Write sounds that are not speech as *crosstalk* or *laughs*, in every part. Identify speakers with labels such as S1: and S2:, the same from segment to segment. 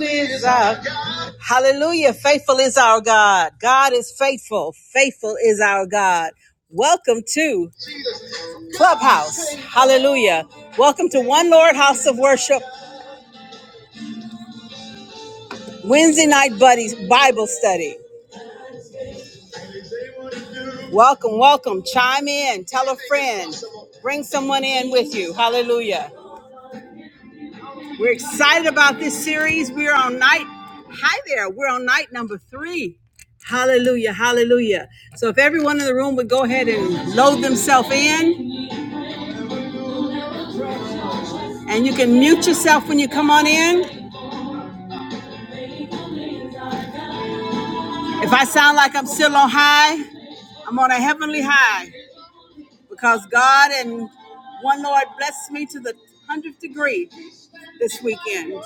S1: is our hallelujah faithful is our god god is faithful faithful is our god welcome to clubhouse hallelujah welcome to one lord house of worship wednesday night buddies bible study welcome welcome chime in tell a friend bring someone in with you hallelujah We're excited about this series. We're on night. Hi there. We're on night number three. Hallelujah. Hallelujah. So if everyone in the room would go ahead and load themselves in and you can mute yourself when you come on in. If I sound like I'm still on high, I'm on a heavenly high because God and one Lord blessed me to the hundredth degree this weekend.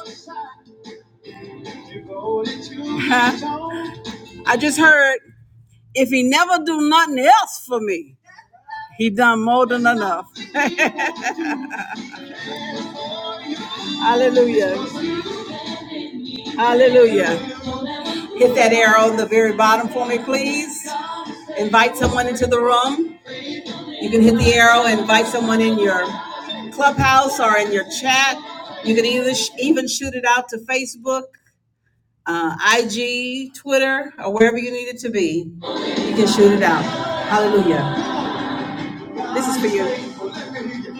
S1: *laughs* I just heard if he never do nothing else for me, he done more than enough. Hallelujah. Hallelujah. Hit that arrow in the very bottom for me, please. Invite someone into the room. You can hit the arrow and invite someone in your clubhouse or in your chat. You can either sh- even shoot it out to Facebook, uh, IG, Twitter, or wherever you need it to be. You can shoot it out. Hallelujah. This is for you.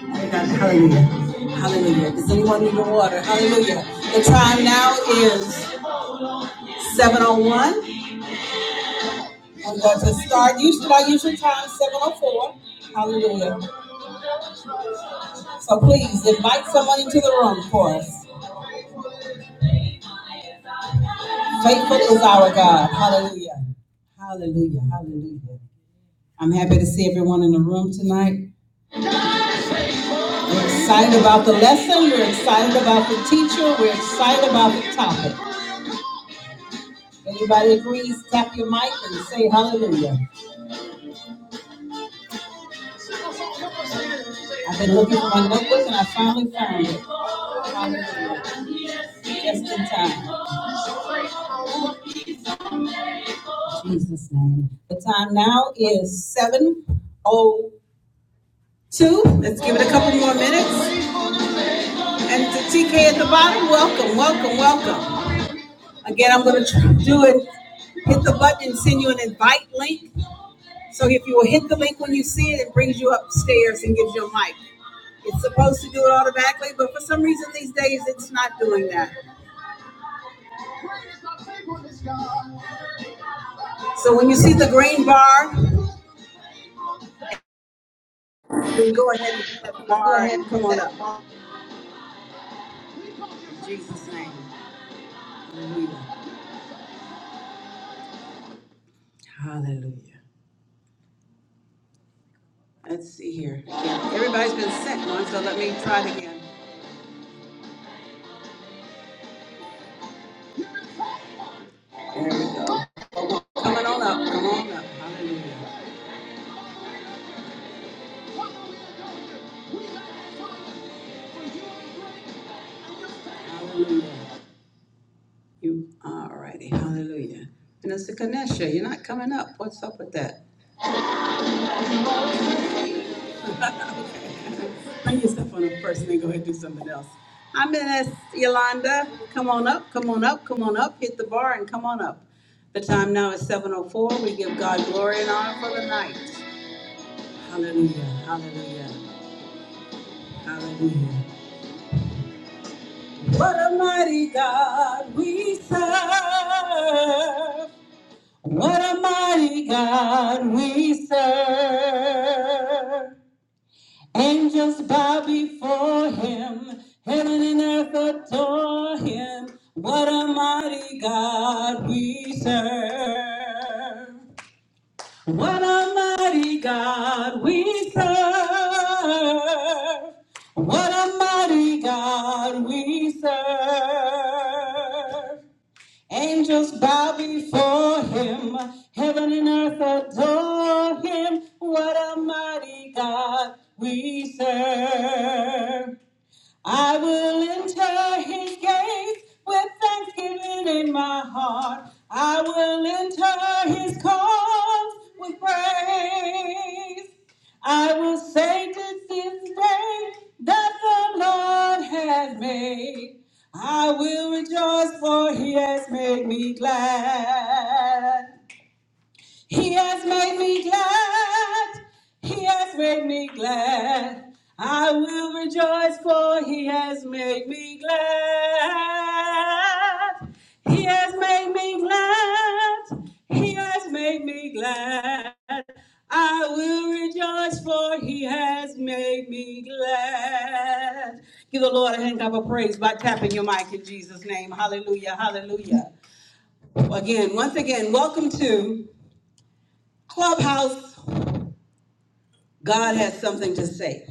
S1: Oh, God. Hallelujah. Hallelujah. Does anyone need the water? Hallelujah. The time now is 701. I'm going to start usually by usual time, 7.04. Hallelujah. So please invite someone into the room for us. Faithful is our God. Hallelujah. Hallelujah. Hallelujah. I'm happy to see everyone in the room tonight. We're excited about the lesson. We're excited about the teacher. We're excited about the topic. Anybody agrees, tap your mic and say hallelujah. I've been looking for my notebook and I finally found it. Hallelujah. Just in time. Jesus' name. The time now is seven oh two. Let's give it a couple more minutes. And to TK at the bottom, welcome, welcome, welcome. Again, I'm going to do it. Hit the button and send you an invite link. So if you will hit the link when you see it, it brings you upstairs and gives you a mic. It's supposed to do it automatically, but for some reason these days it's not doing that. So when you see the green bar, then go ahead and hit that
S2: You go
S1: bar
S2: ahead
S1: and
S2: and hit
S1: come on up.
S2: that.
S1: In Jesus' name. Hallelujah. Hallelujah. Let's see here. Yeah, Everybody's been sent one, so let me try it again. There we go. Coming on up. Come on up. Hallelujah. Hallelujah. You all righty. Hallelujah. Minister Kanesha, you're not coming up. What's up with that? *laughs* okay. Bring yourself on up first and then go ahead and do something else. I'm Minister Yolanda. Come on up. Come on up. Come on up. Hit the bar and come on up. The time now is 7.04. We give God glory and honor for the night. Hallelujah. Hallelujah. Hallelujah. What a mighty God we serve. What a mighty God we serve. Angels bow before him. Heaven and earth adore him. What a mighty God we serve. What a mighty God we serve. What a mighty God we serve. Angels bow before him. Heaven and earth adore him. What a mighty God we serve. I will enter his gates with thanksgiving in my heart. I will enter his courts with praise. I will say this is the day that the Lord has made. I will rejoice for he has made me glad. He has made me glad. He has made me glad. I will rejoice, for He has made me glad. He has made me glad. He has made me glad. I will rejoice, for He has made me glad. Give the Lord a hand clap of praise by tapping your mic in Jesus' name. Hallelujah.
S3: you
S1: Hallelujah. Again, once again, welcome to. Clubhouse, God has something to say.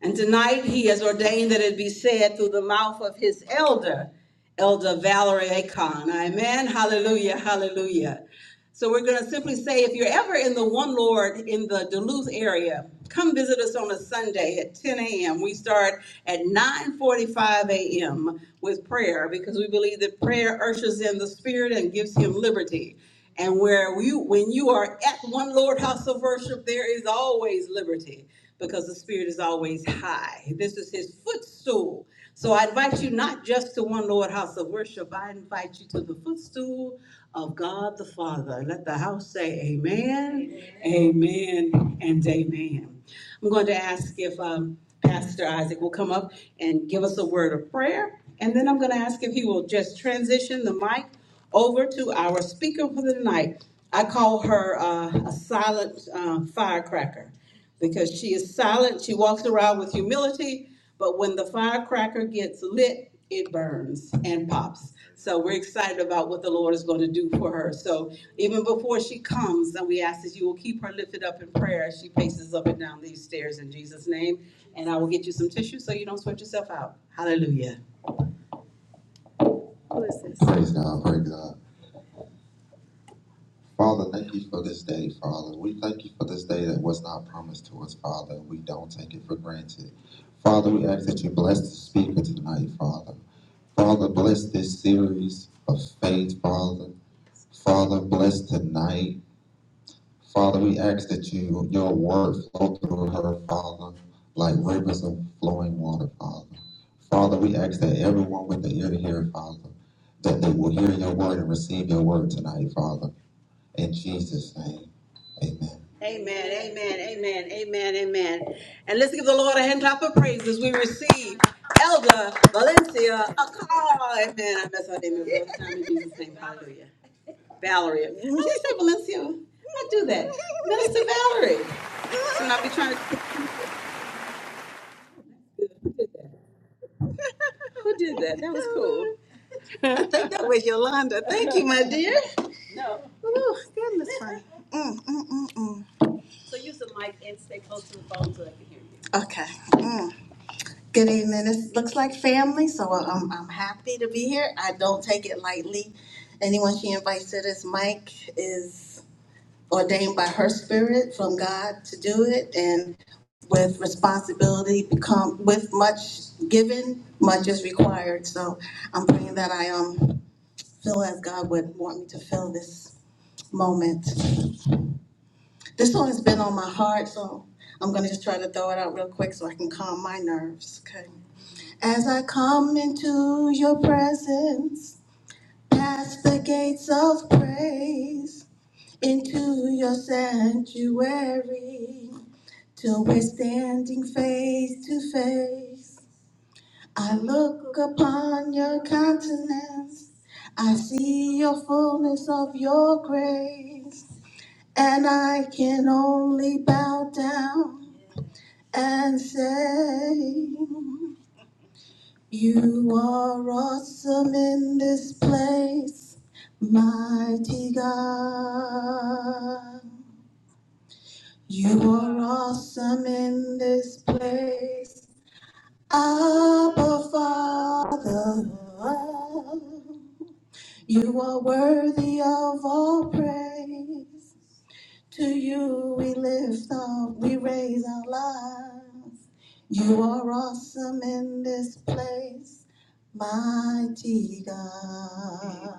S1: And tonight he has ordained that it be said through the mouth of his elder, Elder Valerie Akon. Amen. Hallelujah. Hallelujah. So we're going to simply say if you're ever in the One Lord in the Duluth area, come visit us on a Sunday at 10 a.m. We start at 9:45 a.m. with prayer because we believe that prayer ushers in the spirit and gives him liberty. And where you, when you are at one Lord house of worship, there is always liberty because the Spirit is always high. This is His footstool. So I invite you not just to one Lord house of worship, I invite you to the footstool of God the Father. Let the house say amen, amen, and amen. I'm going to ask if um, Pastor Isaac will come up and give us a word of prayer. And then I'm going to ask if he will just transition the mic over to our speaker for the night. I call her uh, a silent uh, firecracker because she is silent. She walks around with humility, but when the firecracker gets lit, it burns and pops. So we're excited about what the Lord is going to do for her. So even before she comes, then we ask that you will keep her lifted up in prayer as she paces up and down these stairs in Jesus' name. And I will get you some tissue so you don't sweat yourself out. Hallelujah. Praise God, praise God. Father, thank you for this day, Father. We thank you for this day that was not promised to us, Father. We don't take it for granted. Father, we ask that you bless the speaker tonight, Father. Father, bless this series of faith, Father. Father, bless tonight. Father, we ask that you your word flow through her, Father, like rivers of flowing water, Father. Father, we ask that everyone with the ear to hear, Father, that they will hear your word and receive your word tonight, Father. In Jesus' name, amen. Amen, amen, amen, amen, amen. And let's give the Lord a hand clap of praise as we receive Elder Valencia a call. Amen. I mess her name every other time in Jesus' name. Hallelujah. Valerie. When she say Valencia, I do that. Minister Valerie. So when I be trying to who did that? that? was cool. That was Yolanda. Thank you, my dear. Mm, mm, mm, mm. Okay. Good evening. It looks like family, so uh, I'm, I'm happy to be here. I don't take it lightly. Anyone she invites to this mic is ordained by her spirit from God to do it, and with responsibility become with much given, much is required. So I'm praying that I um feel as God would want me to feel this moment. This song has been on my heart, so I'm gonna just try to throw it out real quick so I can calm my nerves. Okay. As I come into your presence, past the gates of praise, into your sanctuary, till we're standing face to face. I look upon your countenance, I see your fullness of your grace, and I can only bow down and say, You are awesome in this place, mighty God. You are awesome in this place, Abba Father. You are worthy of all praise. To you we lift up, we raise our lives. You are awesome in this place. Mighty God.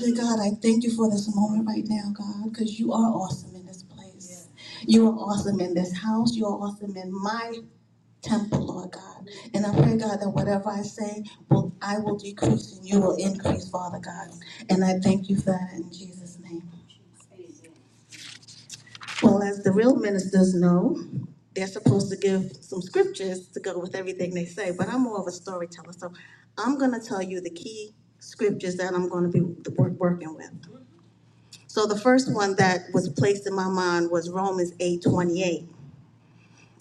S1: Dear God, I thank you for this moment right now, God, because you are awesome in this place. You are awesome in this house. You are awesome in my temple, Lord God. And I pray, God, that whatever I say, will I will decrease and you will increase, Father God. And I thank you for that in Jesus' name. Well, as the real ministers know, they're supposed to give some scriptures to go with everything they say, but I'm more of a storyteller. So I'm going to tell you the key scriptures that I'm going to be the working with. So the first one that was placed in my mind was Romans 8:28,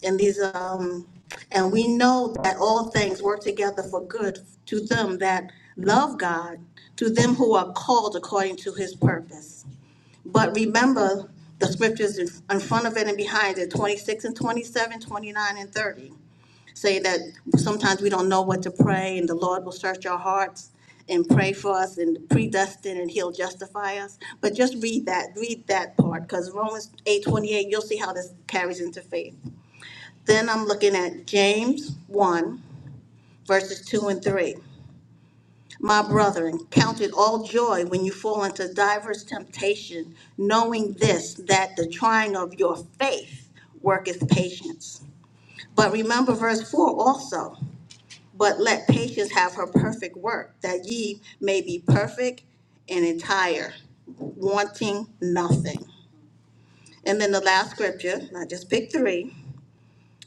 S1: And these, um, and we know that all things work together for good to them that love God, to them who are called according to his purpose. But remember the scriptures in in front of it and behind it, 26 and 27, 29 and 30, say that sometimes we don't know what to pray and the Lord will search our hearts and pray for us and predestine and he'll justify us. But just read that, read that part because Romans eight twenty-eight, you'll see how this carries into faith. Then I'm looking at James 1, verses 2 and 3. My brethren, count it all joy when you fall into diverse temptation, knowing this, that the trying of your faith worketh patience. But remember verse 4 also, but let patience have her perfect work, that ye may be perfect and entire, wanting nothing. And then the last scripture, and I just picked three,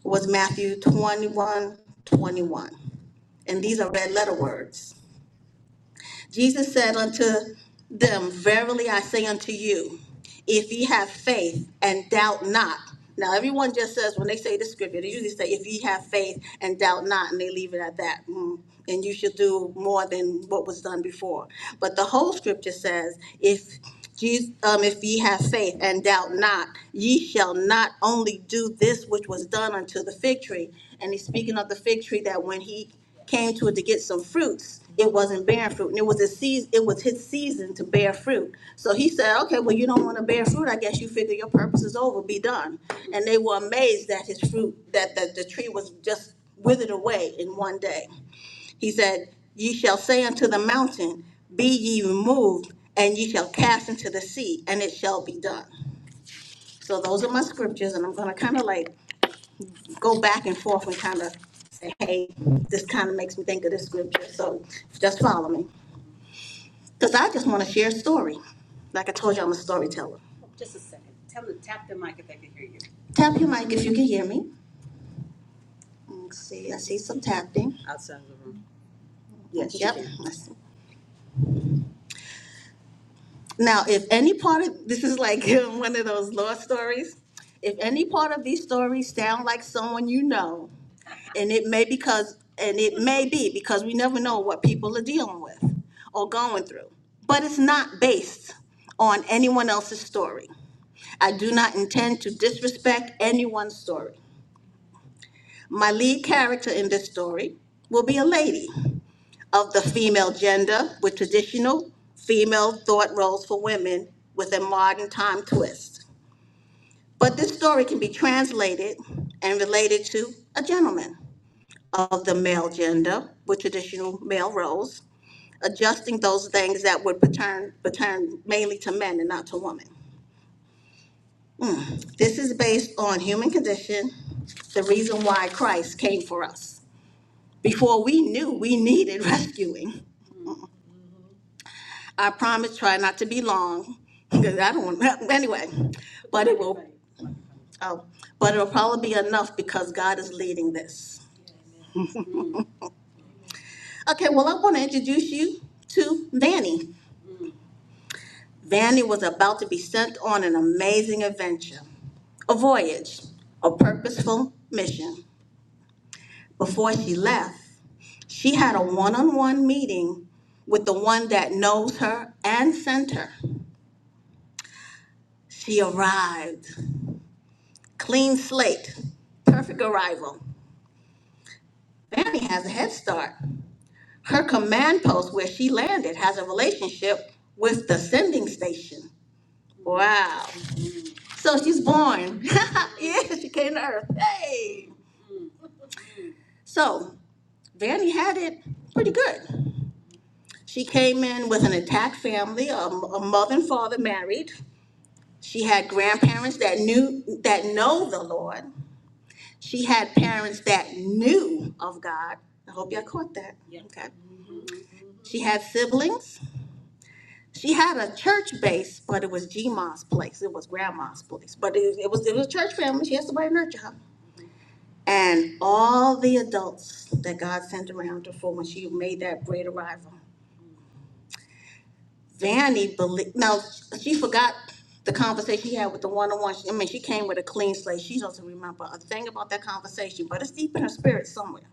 S1: was Matthew 21 twenty-one, And these are red letter words. Jesus said unto them, Verily I say unto you, if ye have faith and doubt not. Now, everyone just says, when they say the scripture, they usually say, if ye have faith and doubt not, and they leave it at that. Mm, and you should do more than what was done before. But the whole scripture says, if Jesus, um, if ye have faith and doubt not, ye shall not only do this which was done unto the fig tree. And he's speaking of the fig tree that when he came to it to get some fruits, it wasn't bearing fruit, and it was a season. It was his season to bear fruit. So he said, "Okay, well, you don't want to bear fruit. I guess you figure your purpose is over. Be done." And they were amazed that his fruit, that the, the tree was just withered away in one day. He said, "Ye shall say unto the mountain, Be ye removed, and ye shall cast into the sea, and it shall be done." So those are my scriptures, and I'm going to kind of like go back and forth and kind of say, hey, this kind of makes me think of this scripture. So just follow me. Because I just want to share a story. Like I told you, I'm a storyteller. Just a second. Tell them to tap the mic if they can hear you. Tap your mic if you can hear me. Let's see, I see some tapping. Outside of the room. Yes, Yep. I see. Now, if any part of this is like *laughs* one of those law stories, if any part of these stories sound like someone you know, And it may because, and it may be because we never know what people are dealing with or going through. But it's not based on anyone else's story. I do not intend to disrespect anyone's story. My lead character in this story will be a lady of the female gender with traditional female thought roles for women with a modern time twist. But this story can be translated and related to a gentleman of the male gender with traditional male roles, adjusting those things that would pertain, pertain mainly to men and not to women. This is based on human condition, the reason why Christ came for us. Before we knew we needed *laughs* rescuing, I promise try not to be long *laughs* because I don't want *laughs* anyway, but it will. Oh, but it'll probably be enough because God is leading this. Okay, well I want to introduce you to Danny. Vanny was about to be sent on an amazing adventure, a voyage, a purposeful mission. Before she left, she had a one on one meeting with the one that knows her and sent her. She arrived, clean slate, perfect arrival. Fanny has a head start. Her command post where she landed has a relationship with the sending station. Wow. So she's born. *laughs* yeah, she came to Earth. Hey. So Vanny had it pretty good. She came in with an intact family, a, a mother and father married. She had grandparents that knew that know the Lord. She had parents that knew of God. I hope y'all caught that. Yeah. Okay. She had siblings. She had a church base, but it was Gma's place. It was grandma's place. But it, it was it was a church family. She had somebody to nurture her. And all the adults that God sent around her for when she made that great arrival. Vanny believe no, she forgot the conversation she had with the one on one. I mean, she came with a clean slate. She doesn't remember a thing about that conversation, but it's deep in her spirit somewhere.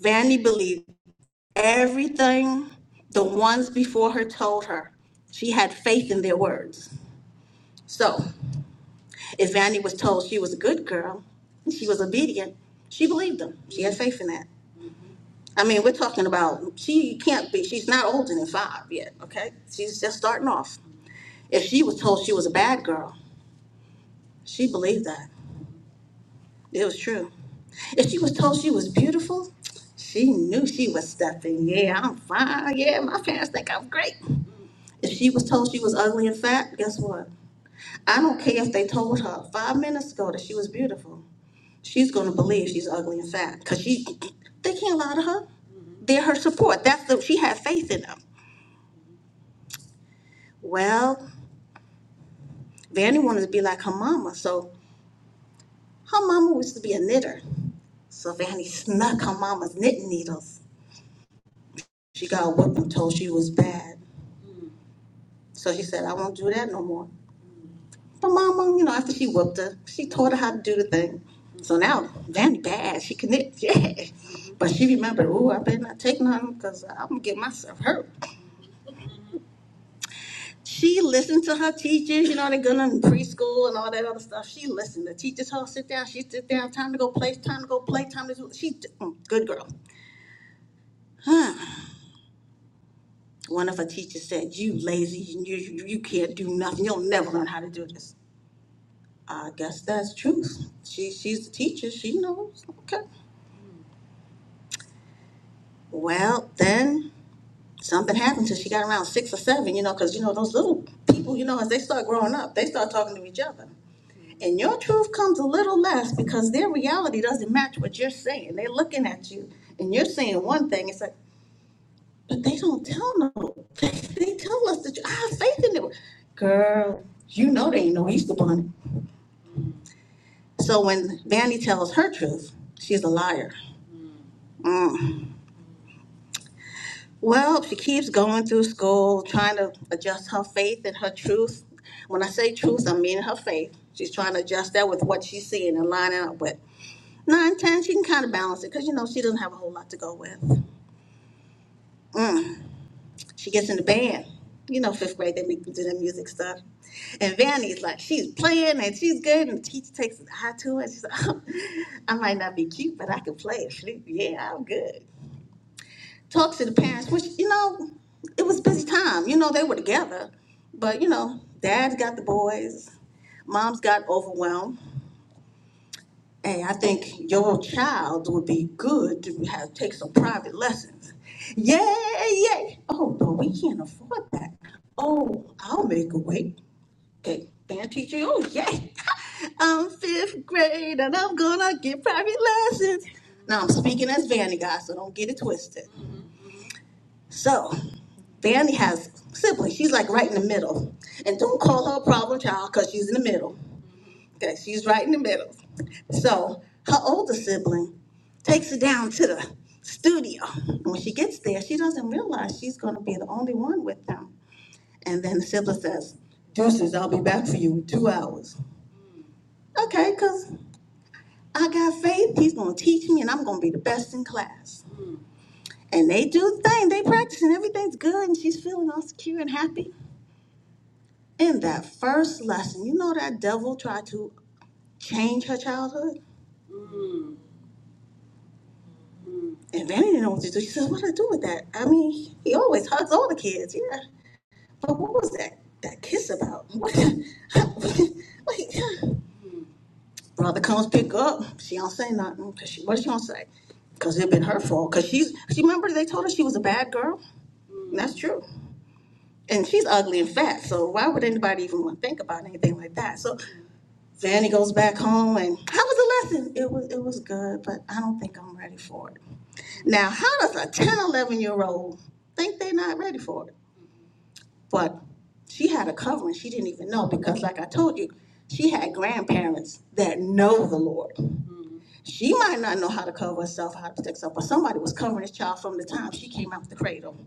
S1: Vanny believed everything the ones before her told her. She had faith in their words. So, if Vanny was told she was a good girl, she was obedient, she believed them. She had faith in that. I mean, we're talking about she can't be, she's not older than five yet, okay? She's just starting off. If she was told she was a bad girl, she believed that. It was true. If she was told she was beautiful, she knew she was stuffing. Yeah, I'm fine. Yeah, my parents think I'm great. If she was told she was ugly and fat, guess what? I don't care if they told her five minutes ago that she was beautiful. She's going to believe she's ugly and fat because she, they can't lie to her. They're her support. That's the, she had faith in them. Well, Vanny wanted to be like her mama, so her mama used to be a knitter. So Fanny snuck her mama's knitting needles. She got whipped and told she was bad. So she said, I won't do that no more. But mama, you know, after she whipped her, she taught her how to do the thing. So now Vanny bad. She can knit, *laughs* yeah. But she remembered, ooh, I better not take none because I'm going to get myself hurt. She listened to her teachers, you know, they are going to preschool and all that other stuff. She listened. The teachers all sit down. She sit down. Time to go play. Time to go play. Time to do. She, mm, good girl. One of her teachers said, "You lazy, you you you can't do nothing. You'll never learn how to do this." I guess that's truth. She she's the teacher. She knows. Okay. Well, then something happened till she got around six or seven. You know, because you know those little people. You know, as they start growing up, they start talking to each other. And your truth comes a little less because their reality doesn't match what you're saying. They're looking at you, and you're saying one thing. It's like But they don't tell no. They, they tell us that you, I have faith in it. Girl, you know they ain't no Easter bunny. So when Danny tells her truth, she's a liar. Mm. Well, she keeps going through school, trying to adjust her faith and her truth. When I say truth, I mean her faith. She's trying to adjust that with what she's seeing and lining up with. Nine, ten, she can kind of balance it because, you know, she doesn't have a whole lot to go with. Mm. She gets in the band. You know, fifth grade, they make them do their music stuff. And Vanny's like, she's playing and she's good. And the teacher takes an eye to her. And she's like, *laughs* oh, I might not be cute, but I can play a flute. Yeah, I'm good. Talks to the parents, which, you know, it was a busy time. You know, they were together. But, you know, dad's got the boys. Mom's got overwhelmed. Hey, I think your child would be good to have take some private lessons. Yeah, yeah. Oh, but we can't afford that. Oh, I'll make a way. Hey, band teacher, oh yay. I'm fifth grade and I'm gonna get private lessons. Now I'm speaking as Vanny guys, so don't get it twisted. So Vanny has siblings. She's like right in the middle. And don't call her a problem child because she's in the middle. Okay, she's right in the middle. So her older sibling takes her down to the studio. And when she gets there, she doesn't realize she's going to be the only one with them. And then the sibling says, Deuces, I'll be back for you in two hours. Okay, because I got faith. He's going to teach me, and I'm going to be the best in class. And they do the thing, they practice, and everything's good, and she's feeling all secure and happy. In that first lesson, you know that devil tried to change her childhood? And Vanny didn't know what to do. She says, "What do I do with that?" I mean, he always hugs all the kids, yeah. But what was that that kiss about? *laughs* Wait, brother comes pick up. She don't say nothing. 'Cause she, what she gonna say? Cause it been her fault. Cause she's she remember they told her she was a bad girl. And that's true. And she's ugly and fat. So why would anybody even want to think about anything like that? So Vanny goes back home, and how was the lesson? It was it was good, but I don't think I'm ready for it. Now, how does a 1011 year old think they're not ready for it? But she had a covering she didn't even know because, like I told you, she had grandparents that know the Lord. She might not know how to cover herself, how to protect herself, but somebody was covering this child from the time she came out the cradle.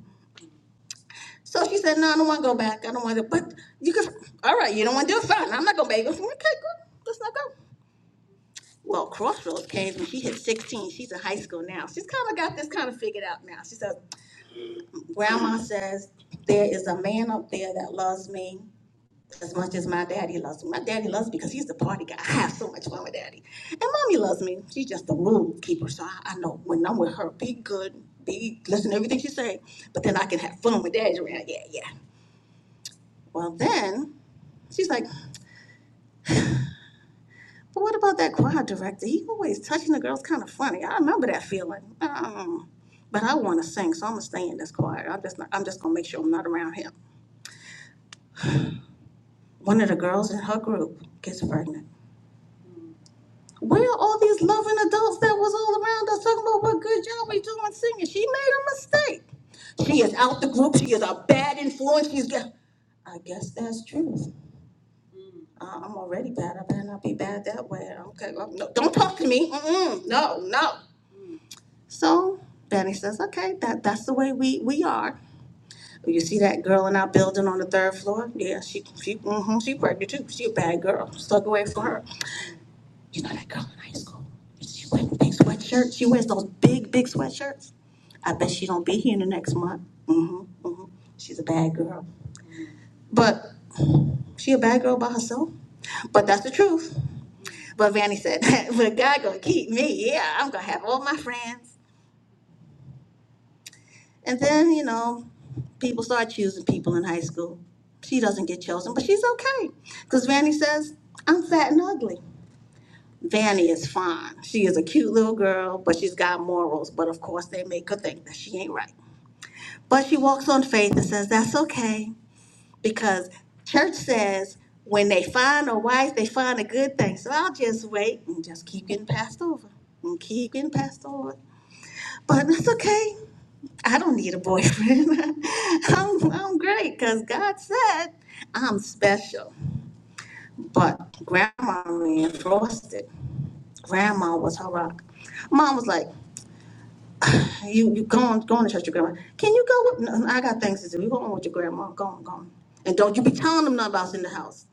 S1: So she said, No, I don't want to go back. I don't want to. But you can, all right, you don't want to do it. Fine. I'm not going to beg. her." Okay, good. Let's not go. Well, Crossroads came when she hit 16. She's in high school now. She's kind of got this kind of figured out now. She says, Grandma says, there is a man up there that loves me as much as my daddy loves me. My daddy loves me because he's the party guy. *laughs* I have so much fun with daddy. And mommy loves me. She's just a rule keeper. So I, I know when I'm with her, be good, be listen to everything she say, but then I can have fun with daddy around. Yeah, yeah. Well then she's like, but what about that choir director? He always touching the girls kind of funny. I remember that feeling. Um, but I want to sing, so I'm gonna stay in this choir. I'm just not, I'm just gonna make sure I'm not around him. One of the girls in her group gets pregnant. Where are all these loving adults that was all around us talking about what good job we doing singing? She made a mistake. She is out the group. She is a bad influence. She's got. I guess that's true. I- I'm already bad. I better not be bad that way. Okay, well, no, don't talk to me. Mm-mm, no, no. So Benny says, okay, that, that's the way we, we are. You see that girl in our building on the third floor? Yeah, she she mm-hmm, she pregnant too. She a bad girl. Stuck away from her. You know that girl in high school? She wears big sweatshirts. She wears those big, big sweatshirts. I bet she don't be here in the next month. mm hmm mm hmm She's a bad girl. But she a bad girl by herself. But that's the truth. But Vanny said, *laughs* but God gonna keep me. Yeah, I'm gonna have all my friends. And then, you know, people start choosing people in high school. She doesn't get chosen, but she's okay. Because Vanny says, I'm fat and ugly. Vanny is fine. She is a cute little girl, but she's got morals. But of course, they make her think that she ain't right. But she walks on faith and says, That's okay. Because church says, when they find a wife, they find a good thing. So I'll just wait and just keep getting passed over and keep getting passed over. But that's okay. I don't need a boyfriend. *laughs* I'm, I'm great because God said I'm special. But grandma reinforced it. Grandma was her rock. Mom was like, "You you going going to church? with Your grandma? Can you go with? No, I got things to do. You going with your grandma? Go on, go on. And don't you be telling them nothing about in the house,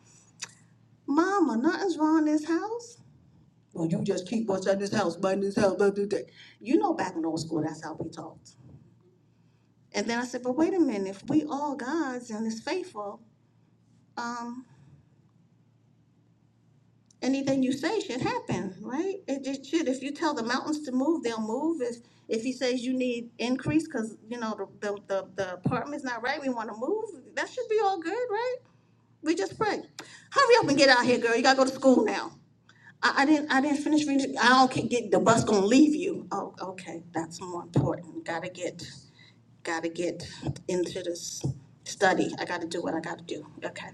S1: Mama. Nothing's wrong in this house. Well, you just keep what's in this house, but this house, but today. You know, back in old school, that's how we talked. And then I said, but wait a minute, if we all gods and it's faithful, um, anything you say should happen, right? It just should. If you tell the mountains to move, they'll move. If if he says you need increase because you know the, the the the apartment's not right, we want to move. That should be all good, right? We just pray. Hurry up and get out here, girl. You gotta go to school now. I, I didn't I didn't finish reading. I don't ca- get the bus gonna leave you. Oh, okay. That's more important. Gotta get gotta get into this study. I gotta do what I gotta do. Okay.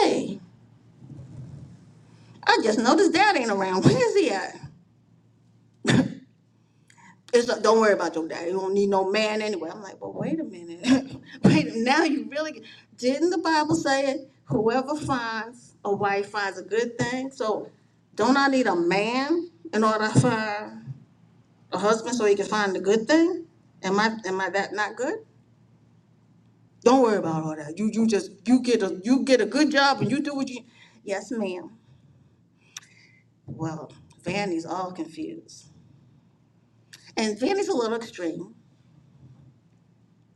S1: Hey. I just noticed dad ain't around. *laughs* Where is he at? It's like, don't worry about your dad. You don't need no man anyway. I'm like, well, wait a minute. *laughs* wait, now you really didn't the Bible say it? Whoever finds a wife finds a good thing. So don't I need a man in order to find a husband so he can find the good thing? Am I am I that not good? Don't worry about all that. You you just you get a you get a good job and you do what you Yes, ma'am. Well, Vanny's all confused. And Vanny's a little extreme.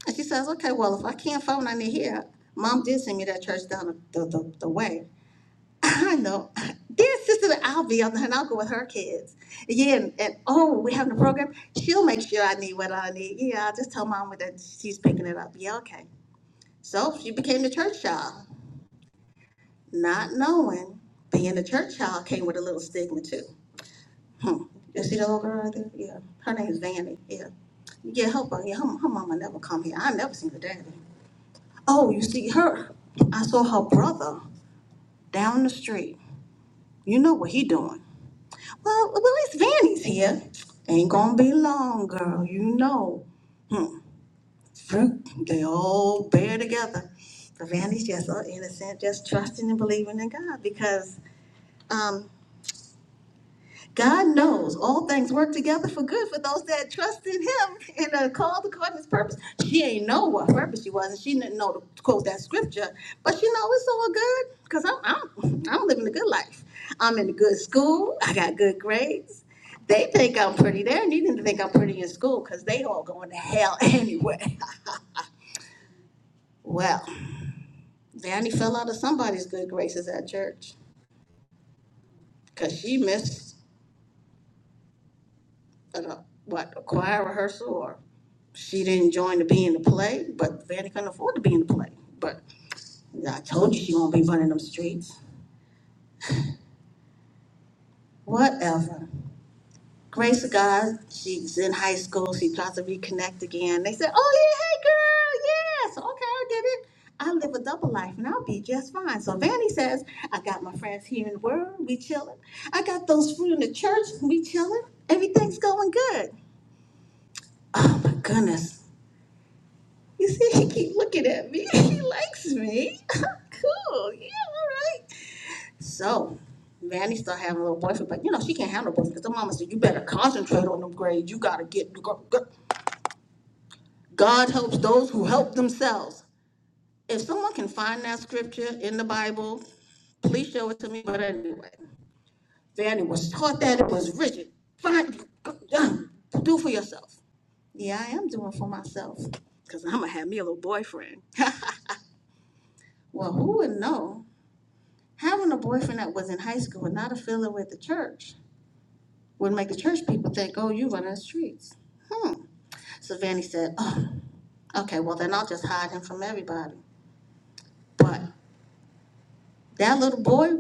S1: And she says, okay, well, if I can't find one in here, mom did send me that church down the, the, the way. *laughs* I know. Dear sister Albie on her, and I'll go with her kids. Yeah, and, and oh, we having a program. She'll make sure I need what I need. Yeah, I'll just tell mom that she's picking it up. Yeah, okay. So she became the church child, not knowing being a church child came with a little stigma too. Hmm. You see that little girl right there? Yeah. Her name's Vanny. Yeah. Yeah, her, yeah, her, her mama never come here. I never seen her daddy. Oh, you see her. I saw her brother down the street. You know what he doing? Well, well, at least Vanny's here. Ain't gonna be long, girl. You know, fruit. They all bear together. But Vanny's just so innocent, just trusting and believing in God because. um, God knows all things work together for good for those that trust in Him and are called according to His purpose. She ain't know what purpose she was, and she didn't know to quote that scripture, but she know it's all good because I'm, I'm I'm living a good life. I'm in a good school. I got good grades. They think I'm pretty. They're needing to think I'm pretty in school because they all going to hell *laughs* anyway. Well, Danny fell out of somebody's good graces at church because she missed at a, what, a choir rehearsal or she didn't join to be in the play, but Vanny couldn't afford to be in the play. But I told you she won't be running them streets. Whatever. Grace of God, she's in high school. She tries to reconnect again. They said, "Oh yeah, hey girl, yes, okay, I get it. I live a double life and I'll be just fine." So Vanny says, "I got my friends here in the world. We chilling. I got those fruit in the church. We chilling. Everything's going good." Oh my goodness. You see, she keep looking at me. *laughs* She likes me. *laughs* cool. Yeah, all right. So, Manny start having a little boyfriend, but you know she can't have no boyfriend because her mama said you better concentrate on them grades. You gotta get. God helps those who help themselves. If someone can find that scripture in the Bible, please show it to me. But anyway, Fanny was taught that it was rigid. Find, do for yourself. Yeah, I am doing for myself because I'm gonna have me a little boyfriend. *laughs* well, who would know? Having a boyfriend that was in high school and not affiliated with the church would make the church people think, oh, you running the streets. Hmm. So Vanny said, oh, okay, well, then I'll just hide him from everybody. But that little boy,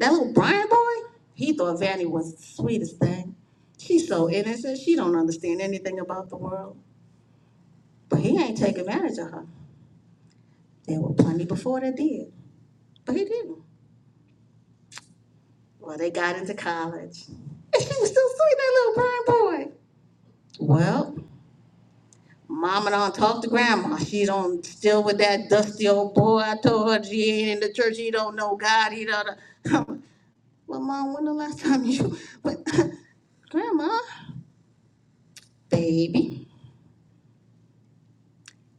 S1: that little Brian boy, he thought Vanny was the sweetest thing. She's so innocent, she don't understand anything about the world. But he ain't take advantage of her. There were plenty before that did, but he didn't. Well, they got into college. And she was still sweet, that little Brian boy. Well, Mama don't talk to grandma. She don't still with that dusty old boy. I told her she ain't in the church. He don't know God. He don't. know." *laughs* well, mom, when the last time you? *laughs* But *coughs* *clears throat* grandma, baby,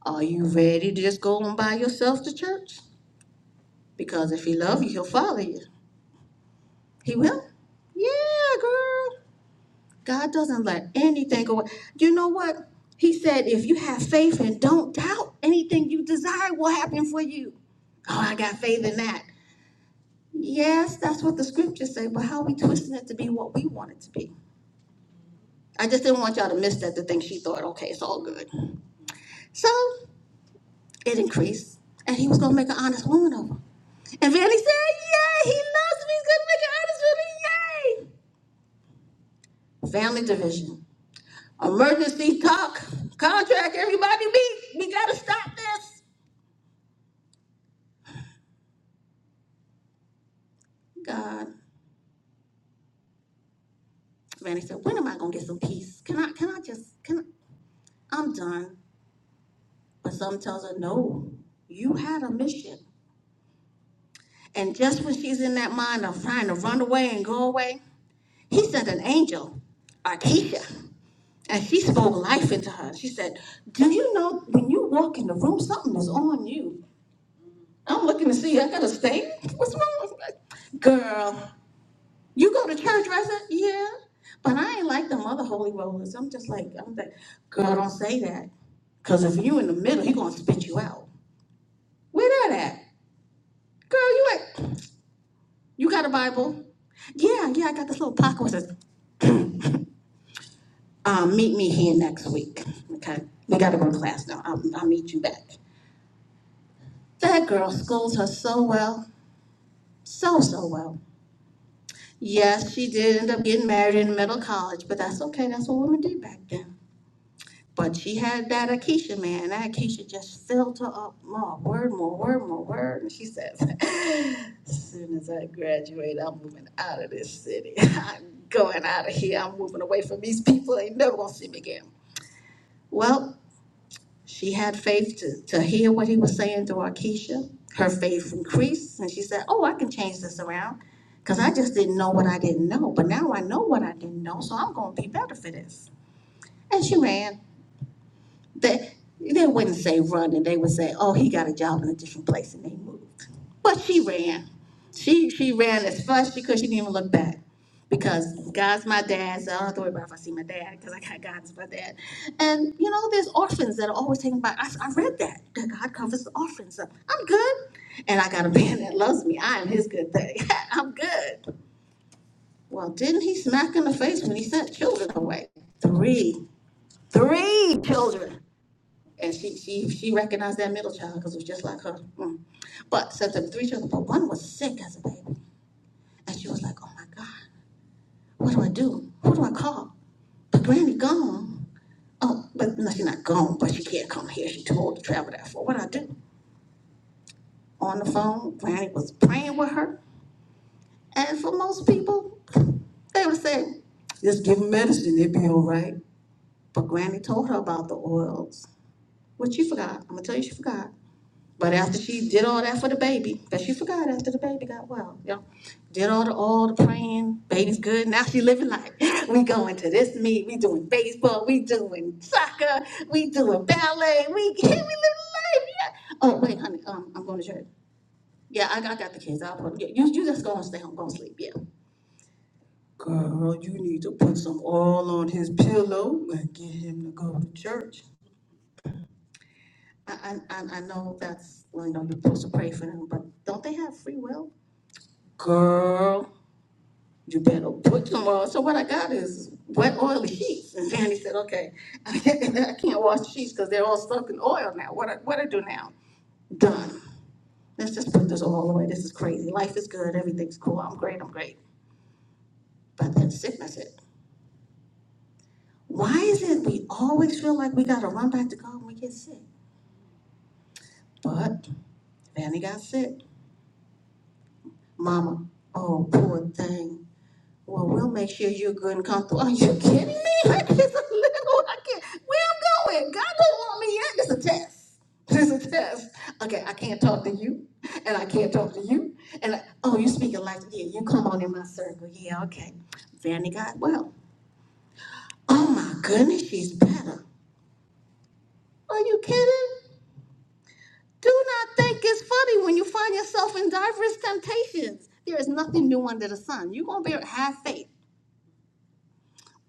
S1: are you ready to just go on by yourself to church? Because if he love you, he'll follow you. He will. Yeah, girl. God doesn't let anything go. You know what? He said, if you have faith and don't doubt, anything you desire will happen for you. Oh, I got faith in that. Yes, that's what the scriptures say, but how we twisting it to be what we want it to be? I just didn't want y'all to miss that to think she thought, okay, it's all good. So it increased, and he was gonna make an honest woman of her. And Vanity said, Yay, he loves me, he's gonna make an honest woman, yay! Family division. Emergency talk, contract, everybody meet. We gotta stop this. God. Vanity said, When am I gonna get some peace? Can I can I just can I, I'm done. But something tells her, No, you had a mission. And just when she's in that mind of trying to run away and go away, he sent an angel, Arkisha, and she spoke life into her. She said, Do you know when you walk in the room, something is on you? I'm looking to see, I got a stain? What's wrong with me? Girl, you go to church, right? I said, Yeah. But I ain't like them other holy rollers. I'm just like, I'm like, girl, don't say that. Cause if you in the middle, he gonna spit you out. Where that at? Girl, you like you got a Bible? Yeah, yeah, I got this little pocket. It says, Um, meet me here next week, okay? We gotta go to class now. I'll, I'll meet you back. That girl schools her so well, so, so well. Yes, she did end up getting married in middle college, but that's okay. That's what women did back then. But she had that Akeisha man. That Akeisha just filled her up more, word, more, word, more, word. And she says, *laughs* as soon as I graduate, I'm moving out of this city. *laughs* I'm going out of here. I'm moving away from these people. They never gonna see me again. Well, She had faith to, to hear what he was saying to Arkisha. Her faith increased, and she said, Oh, I can change this around because I just didn't know what I didn't know. But now I know what I didn't know, so I'm going to be better for this. And she ran. They, they wouldn't say running, they would say, oh, he got a job in a different place and they moved. But she ran. She, she ran as fast as she could, she didn't even look back. Because God's my dad, so I don't have to worry about if I see my dad, because I got God as my dad. And you know, there's orphans that are always taken by, I, I read that, that God covers the orphans. So I'm good. And I got a *laughs* man that loves me, I am his good thing, *laughs* I'm good. Well, didn't he smack in the face when he sent children away? Three, three children. And she she she recognized that middle child because it was just like her. Mm. But so the three children, but one was sick as a baby, and she was like, "Oh my God, what do I do? Who do I call?" But Granny gone. Oh, but no, she's not gone, but she can't come here. She told to travel that for. What do I do? On the phone, Granny was praying with her, and for most people, they would say, "Just give give 'em medicine, they'll be all right." But Granny told her about the oils, which she forgot. I'm gonna tell you, she forgot. But after she did all that for the baby, that she forgot after the baby got well, you know, did all the all the praying, baby's good. Now she living life. *laughs* We going to this meet, we doing baseball, we doing soccer, we doing ballet, we *laughs* we living life. Yeah. Oh wait, honey, um, I'm going to church. Yeah, I, I got the kids. I'll put yeah, you you just go and stay home, go and sleep. Yeah. Girl, you need to put some oil on his pillow and get him to go to church. I, I, I I know that's, well, you know, you're supposed to pray for them, but don't they have free will? girl, you better put them on. So what I got is wet oily sheets. And Danny said, okay, *laughs* I can't wash the sheets because they're all soaked in oil now. What I, what I do now? Done. Let's just put this all away. This is crazy. Life is good. Everything's cool. I'm great. I'm great. But that sickness, it. Why is it we always feel like we gotta run back to God when we get sick? But Vanny got sick. Mama, oh poor thing. Well, we'll make sure you're good and comfortable. Are you kidding me? *laughs* It's a little. I can't. Where I'm going? God don't want me yet. It's a test. *laughs* It's a test. Okay, I can't talk to you, and I can't talk to you, and I, oh, you speaking like yeah. You come on in my circle. Yeah, okay. Vanny got well. Oh my goodness, she's better. Are you kidding? Do not think it's funny when you find yourself in diverse temptations. There is nothing new under the sun. You're gonna be have faith.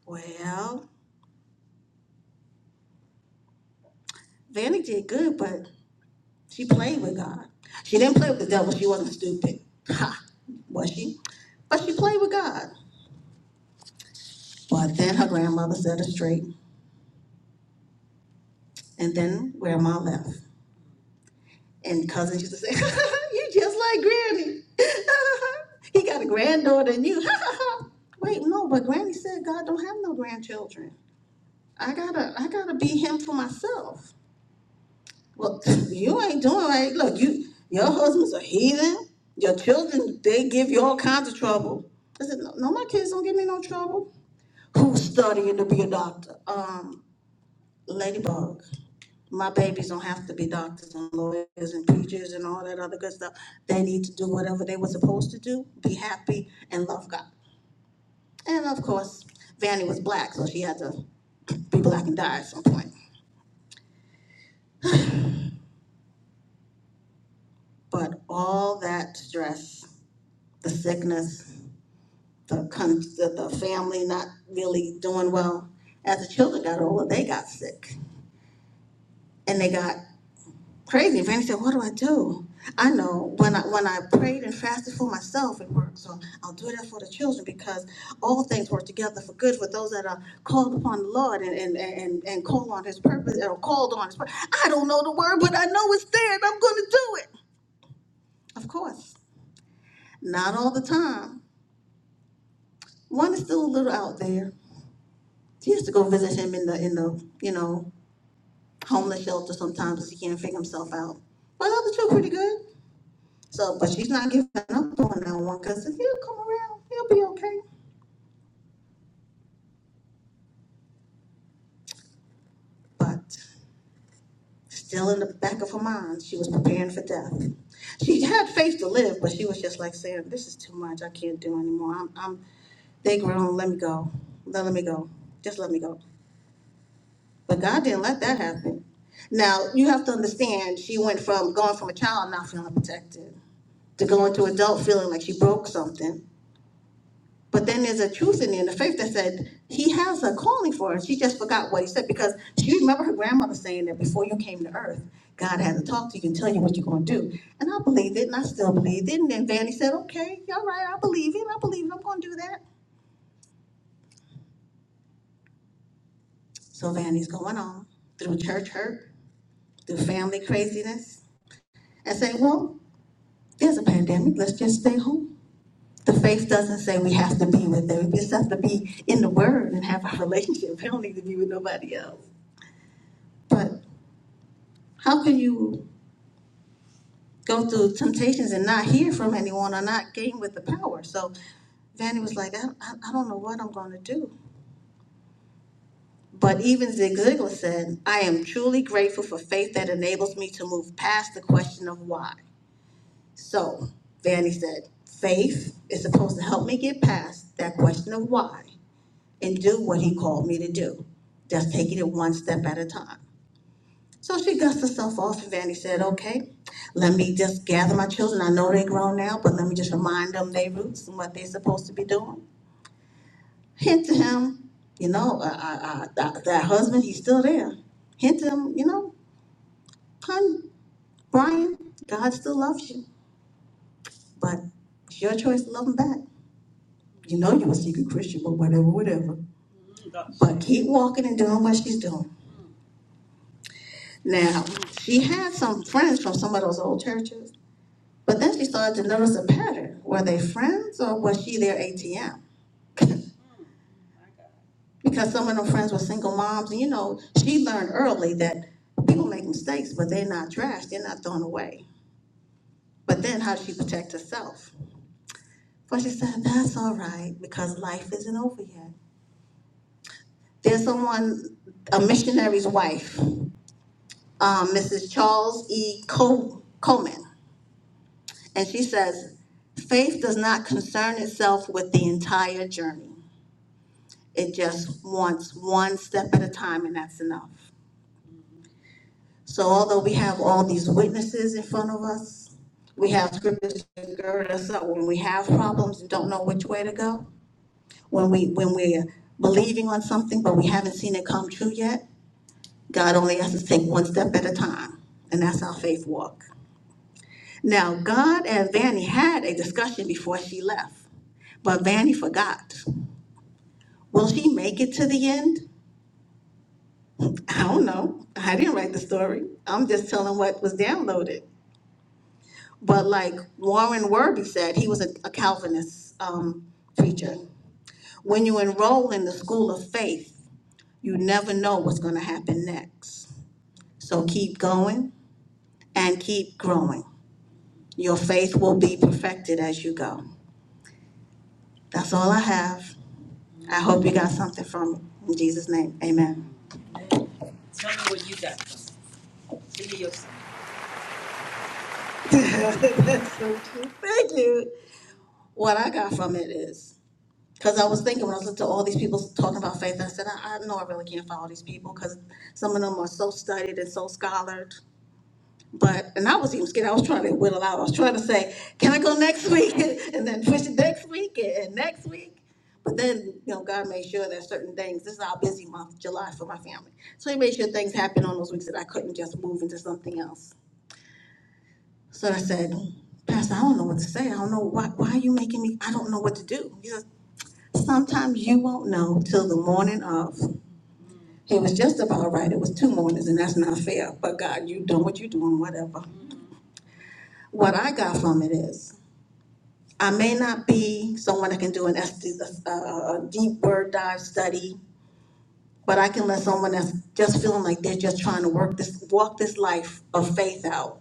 S1: Well, Vanny did good, but She played with God. She didn't play with the devil. She wasn't stupid. Ha, was she? But she played with God. But then her grandmother set her straight. And then grandma left. And cousins used to say, *laughs* You just like Granny. *laughs* he got a granddaughter and you. *laughs* Wait, no, but Granny said God don't have no grandchildren. I gotta I gotta be him for myself. Well, *laughs* you ain't doing right. Look, you your husband's a heathen. Your children, they give you all kinds of trouble. I said, no, no, my kids don't give me no trouble. Who's studying to be a doctor? Um, Ladybug. My babies don't have to be doctors and lawyers and teachers and all that other good stuff. They need to do whatever they were supposed to do, be happy and love God. And of course, Vanny was black, so she had to be black and die at some point. But all that stress, the sickness, the con, the, the family not really doing well. As the children got older, they got sick and they got crazy. Vanny said, "What do I do?" I know when I when I prayed and fasted for myself, it worked. So I'll do that for the children because all things work together for good for those that are called upon the Lord and and and, and call on His purpose or called on His purpose. I don't know the word, but I know it's there, and I'm going to do it. Of course, not all the time. One is still a little out there He used to go visit him in the in the you know homeless shelter sometimes because he can't figure himself out. But the other two are pretty good. So, but she's not giving up on that one because if he'll come around, he'll be okay. But still in the back of her mind, she was preparing for death. She had faith to live, but she was just like Sarah, "This is too much. I can't do anymore. I'm, I'm they grown. Let me go. Let, let me go. Just let me go." But God didn't let that happen. Now, you have to understand, she went from going from a child not feeling protected to going to adult feeling like she broke something. But then there's a truth in there, in the faith that said, He has a calling for her. She just forgot what He said because she remembered her grandmother saying that before you came to earth, God had to talk to you and tell you what you're going to do. And I believed it, and I still believed it. And then Vanny said, Okay, all right, I believe it, I believe it, I'm going to do that. So Vanny's going on through church hurt, through family craziness, and saying, Well, there's a pandemic, let's just stay home. The faith doesn't say we have to be with them. We just have to be in the word and have a relationship. We don't need to be with nobody else. But how can you go through temptations and not hear from anyone or not gain with the power? So Vanny was like, I, I, I don't know what I'm going to do. But even Zig Ziglar said, I am truly grateful for faith that enables me to move past the question of why. So Vanny said, faith is supposed to help me get past that question of why and do what he called me to do, just taking it one step at a time. So she gussed herself off, and Vanny said, Okay, let me just gather my children. I know they're grown now, but let me just remind them their roots and what they're supposed to be doing. Hint to him, you know, uh, uh, uh, that, husband, he's still there. Hint to him, you know, hon, Brian, God still loves you, but it's your choice to love him back. You know you're a secret Christian, but whatever, whatever. But keep walking and doing what she's doing. Now, she had some friends from some of those old churches, but then she started to notice a pattern. Were they friends or was she their ATM? *laughs* Because some of them friends were single moms, and you know, she learned early that people make mistakes, but they're not trash; they're not thrown away. But then how did she protect herself? But she said, That's all right, because life isn't over yet. There's someone, a missionary's wife, um, Mrs. Charles E. Col- Coleman. And she says, faith does not concern itself with the entire journey. It just wants one step at a time, and that's enough. So, although we have all these witnesses in front of us, we have scriptures to gird us up when we have problems and don't know which way to go. When we when we're believing on something but we haven't seen it come true yet, God only has to take one step at a time, and that's our faith walk. Now, God and Vanny had a discussion before she left, but Vanny forgot. Will she make it to the end? I don't know. I didn't write the story. I'm just telling what was downloaded. But like Warren Worby said, he was a, a Calvinist um, preacher. When you enroll in the school of faith, you never know what's going to happen next. So keep going and keep growing. Your faith will be perfected as you go. That's all I have. I hope you got something from it. In Jesus' name, amen. Tell me what you got from it. Give me your summary. *laughs* That's so cute. Thank you. What I got from it is because I was thinking when I was listening to all these people talking about faith, I said, I, I know I really can't follow these people because some of them are so studied and so scholared. But, and I was even scared, I was trying to whittle out, I was trying to say, can I go next week? *laughs* And then push it next week and and next week. But then, you know, God made sure that certain things, this is our busy month, July for my family. So he made sure things happened on those weeks that I couldn't just move into something else. So I said, Pastor, I don't know what to say. I don't know why, why are you making me, I don't know what to do. He says, sometimes you won't know till the morning of. He was just about right. It was two mornings and that's not fair. But God, you done what you doing, whatever. What I got from it is I may not be someone that can do an S, a, a a deep word dive study, but I can let someone that's just feeling like they're just trying to work this, walk this life of faith out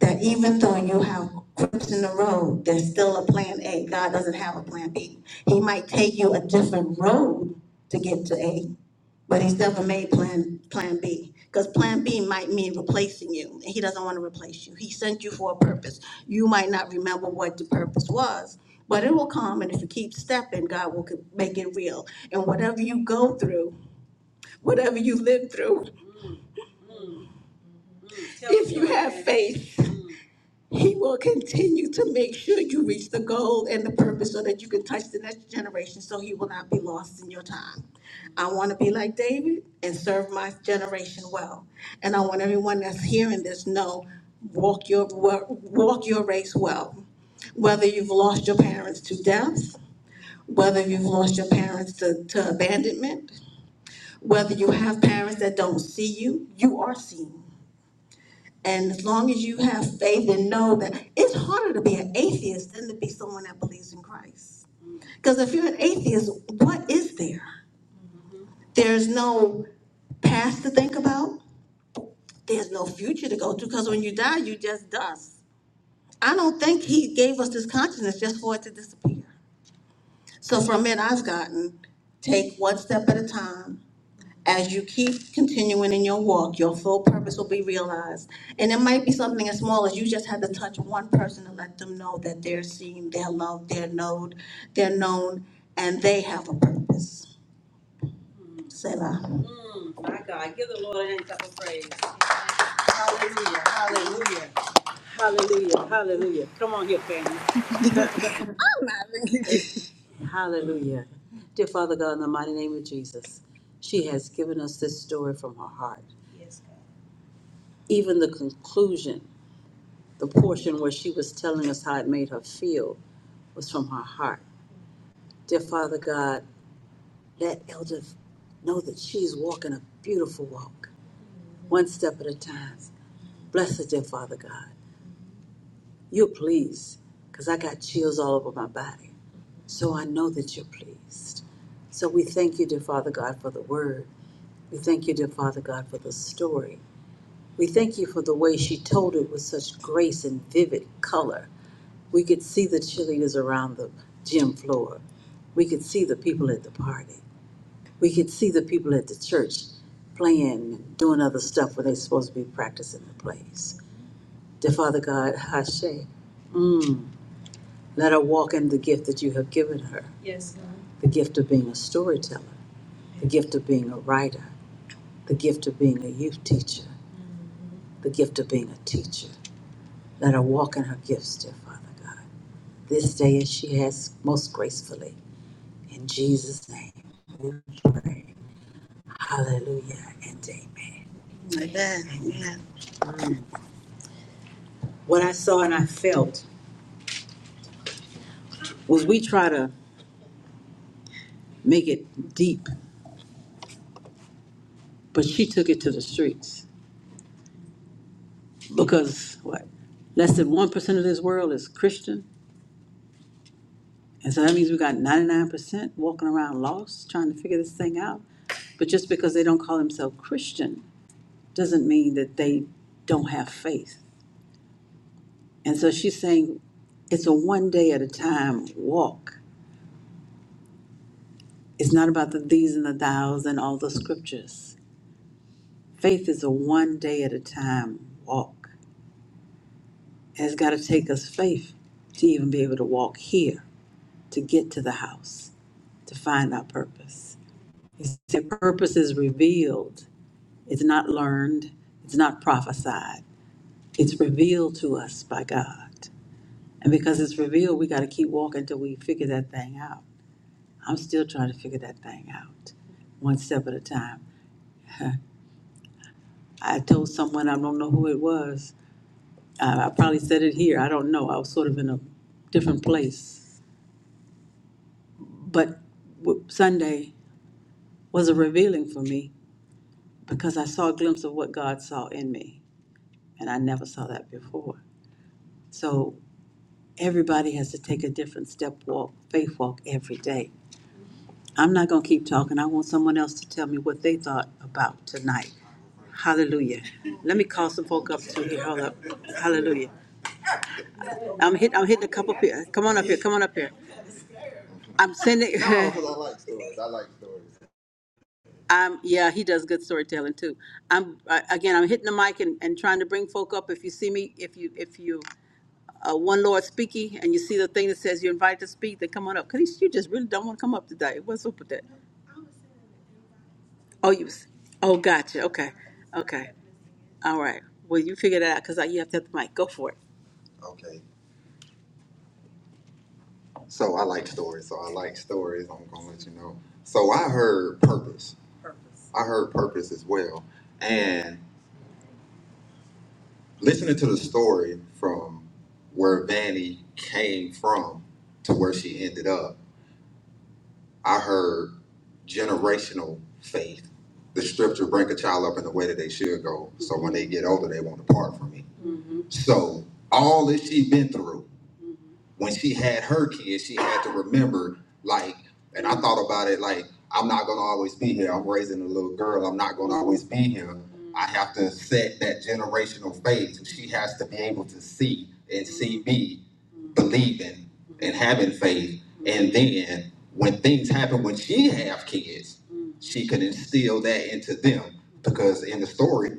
S1: that even though you have bumps in the road, there's still a plan A. God doesn't have a plan B. He might take you a different road to get to A, but he's never made plan plan B. Because plan B might mean replacing you, and he doesn't want to replace you. He sent you for a purpose. You might not remember what the purpose was, but it will come, and if you keep stepping, God will co- make it real. And whatever you go through, whatever you live through, if you have faith, He will continue to make sure you reach the goal and the purpose so that you can touch the next generation so he will not be lost in your time. I want to be like David and serve my generation well. And I want everyone that's hearing this know walk your wa- walk your race well. Whether you've lost your parents to death, whether you've lost your parents to, to abandonment, whether you have parents that don't see you, you are seen. And as long as you have faith and know that it's harder to be an atheist than to be someone that believes in Christ. Because if you're an atheist, what is there? There's no past to think about. There's no future to go to because when you die, you just dust. I don't think he gave us this consciousness just for it to disappear. So from it, I've gotten take one step at a time, as you keep continuing in your walk, your full purpose will be realized. And it might be something as small as you just had to touch one person and let them know that they're seen, they're loved, they're known, they're known, and they have a purpose. Selah. My God, give the Lord an cup of praise. Hallelujah, hallelujah, hallelujah, hallelujah. Come on here, family. Hallelujah. Dear Father God, in the mighty name of Jesus, she has given us this story from her heart, even the conclusion. the portion where she was telling us how it made her feel was from her heart. Dear Father God, let Elder know that she's walking a beautiful walk, one step at a time. Bless her, dear Father God. You're pleased, because I got chills all over my body. So I know that you're pleased. So we thank you, dear Father God, for the word. We thank you, dear Father God, for the story. We thank you for the way she told it with such the gift of being a teacher. Let her walk in her gifts, dear Father God, this day as she has most gracefully. In Jesus' name, we pray. Hallelujah and amen. Amen. Amen. What I saw and I felt was we try to make it deep, but she took it to the streets because what? Less than 1% of this world is Christian. And so that means we got 99% walking around lost, trying to figure this thing out. But just because they don't call themselves Christian doesn't mean that they don't have faith. And so she's saying it's a one day at a time walk. It's not about the these and the thous and all the scriptures. Faith is a one day at a time walk. And it's got to take us faith to even be able to walk here, to get to the house, to find our purpose. He said, Purpose is revealed, it's not learned, it's not prophesied, it's revealed to us by God. And because it's revealed, we got to keep walking until we figure that thing out. I'm still trying to figure that thing out, one step at a time. I told someone, I don't know who it was, uh, I probably said it here, I don't know, I was sort of in a different place. But w- Sunday was a revealing for me because I saw a glimpse of what God saw in me, and I never saw that before. So everybody has to take a different step walk, faith walk every day. I'm not going to keep talking. I want someone else to tell me what they thought about tonight. Hallelujah. Let me call some folk up to here. Hold up. Hallelujah. I'm hit. I'm hitting a couple here. Come on up here. Come on up here. I'm sending. *laughs* I'm yeah. He does good storytelling too. I'm uh, again. I'm hitting the mic and, and trying to bring folk up. If you see me, if you if you uh, one Lord speaking and you see the thing that says you're invited to speak, then come on up. Cause you just really don't want to come up today. What's up with that? Oh, you. was- Oh, gotcha. Okay. Okay. All right. Well, you figure that out because you have to have the mic. Go for it. So I like stories. So I like stories. I'm gonna let you know. So I heard purpose. I heard purpose as well. And listening to the story from where Vanny came from to where she ended up, I heard generational faith. The scripture bring a child up in the way that they should go. So when they get older, they won't depart from me. So all that she been through. when she had her kids, she had to remember, like, and I thought about it, like, I'm not gonna always be here. I'm raising a little girl. I'm not gonna always be here. I have to set that generational phase. She has to be able to see and see me believing and having faith. And then when things happen when she have kids, she could instill that into them. Because in the story,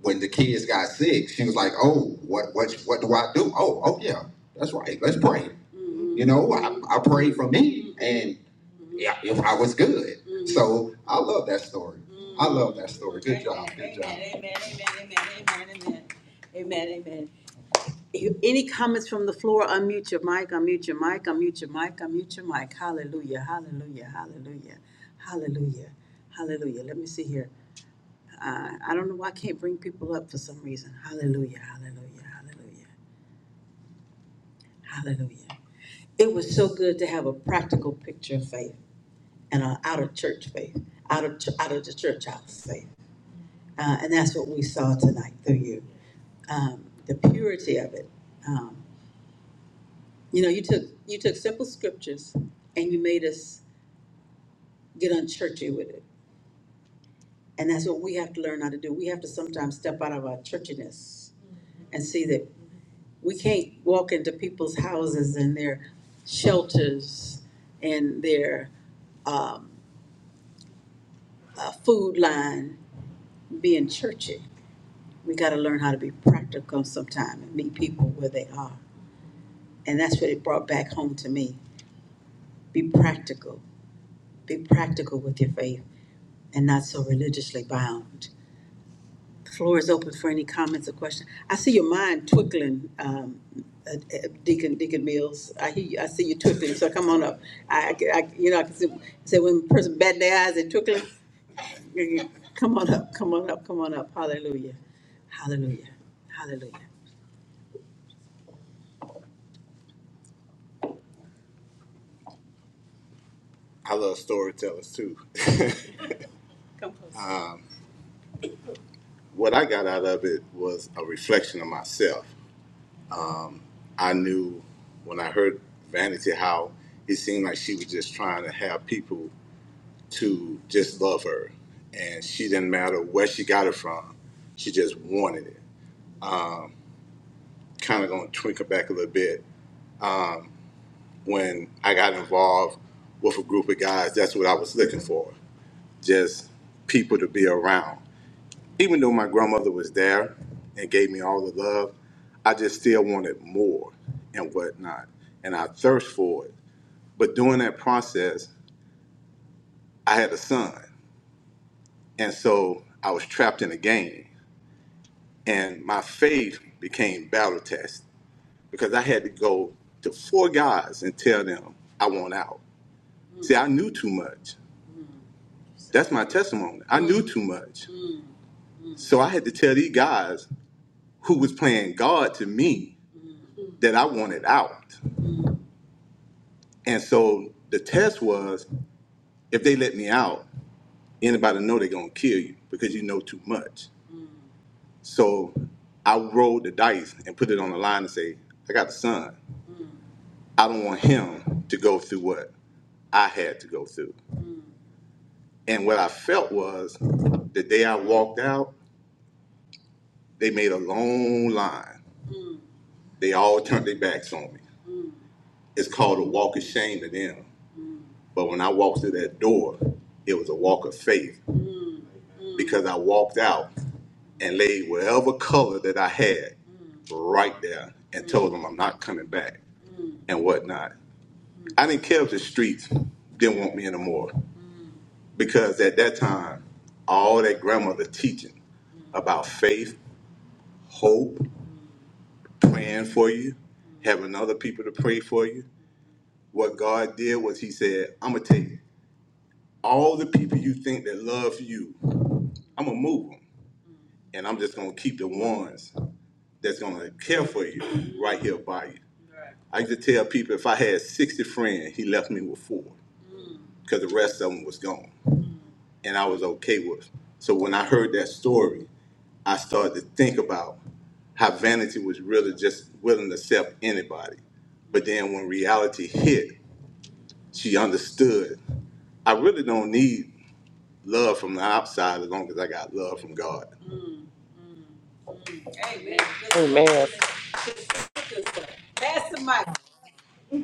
S1: when the kids got sick, she was like, "Oh, what what what do I do? Oh, oh yeah, that's right. Let's pray. You know, I, I prayed for me, and yeah, if I was good. So I love that story. I love that story. Good job. Good job. Amen. Amen. Amen. Amen. Amen. Amen. Amen. Amen. Any comments from the floor? Unmute your mic, unmute your mic, unmute your mic, unmute your mic. Hallelujah, hallelujah, hallelujah, hallelujah, hallelujah. Let me see here. Uh, I don't know why I can't bring people up for some reason. Hallelujah, hallelujah, hallelujah, hallelujah. It was so good to have a practical picture of faith and an out of church faith, out of, ch- out of the church house faith. Uh, and that's what we saw tonight through you um, the purity of it. Um, You know, you took you took simple scriptures and you made us get unchurchy with it. And that's what we have to learn how to do. We have to sometimes step out of our churchiness and see that we can't walk into people's houses and their shelters and their um, uh, food line being churchy. We got to learn how to be practical sometime and meet people where they are. And that's what it brought back home to me. Be practical. Be practical with your faith. and not so religiously bound. The floor is open for any comments or questions. I see your mind twinkling, um, uh, uh, Deacon Deacon Mills. I hear you, I see you twinkling. So come on up. I, I, I- you know I can see, say when a person bat their eyes and twinkling, *laughs* come on up, come on up, come on up. Hallelujah, hallelujah, hallelujah. I love storytellers too. *laughs* what I got out of it was a reflection of myself. I knew when I heard Vanity how it seemed like she was just trying to have people to just love her. And she didn't matter where she got it from, she just wanted it. Kind of going to twinkle back a little bit. When I got involved with a group of guys, that's what I was looking for just people to be around. Even though my grandmother was there and gave me all the love, I just still wanted more and whatnot. And I thirst for it. But during that process, I had a son. And so I was trapped in a game. And my faith became battle test because I had to go to four guys and tell them I want out. Mm. See, I knew too much. That's my testimony. I knew too much. Mm. So I had to tell these guys who was playing God to me that I wanted out. And so the test was if they let me out, anybody know they're gonna kill you because you know too much. So I rolled the dice and put it on the line and say, I got a son. I don't want him to go through what I had to go through. And what I felt was the day I walked out, they made a long line. They all turned their backs on me. It's called a walk of shame to them. But when I walked through that door, it was a walk of faith Mm. because I walked out and laid whatever color that I had Mm. right there and Mm. told them I'm not coming back and whatnot. I didn't care if the streets didn't want me anymore because at that time, all that grandmother teaching about faith, hope, praying for you, having other people to pray for you. What God did was He said, I'm going to take all the people you think that love you, I'm going to move them. And I'm just going to keep the ones that's going to care for you right here by you. I used to tell people if I had 60 friends, He left me with four because the rest of them was gone. and I was okay with. So when I heard that story, I started to think about how Vanity was really just willing to accept anybody. But then when reality hit, she understood. I really don't need love from the outside as long as I got love from God. Amen. Good
S4: Amen.
S1: stuff. Good stuff. Good stuff. Pass the mic.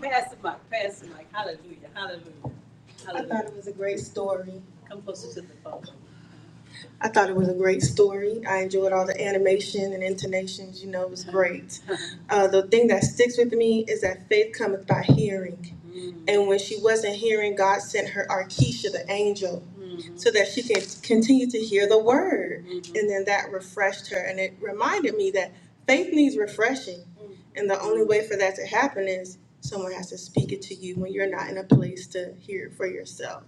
S1: Pass the mic. Pass the mic. Hallelujah. Hallelujah. Hallelujah. I thought it was a great story. Come closer to the phone. I thought it was a great story. I enjoyed all the animation and intonations. You know, it was great. Uh, the thing that sticks with me is that faith cometh by hearing. And when she wasn't hearing, God sent her Arkisha, the angel, so that she can continue to hear the word. And then that refreshed her. And it reminded me that faith needs refreshing. And the only way for that to happen is someone has to speak it to you when you're not in a place to hear it for yourself.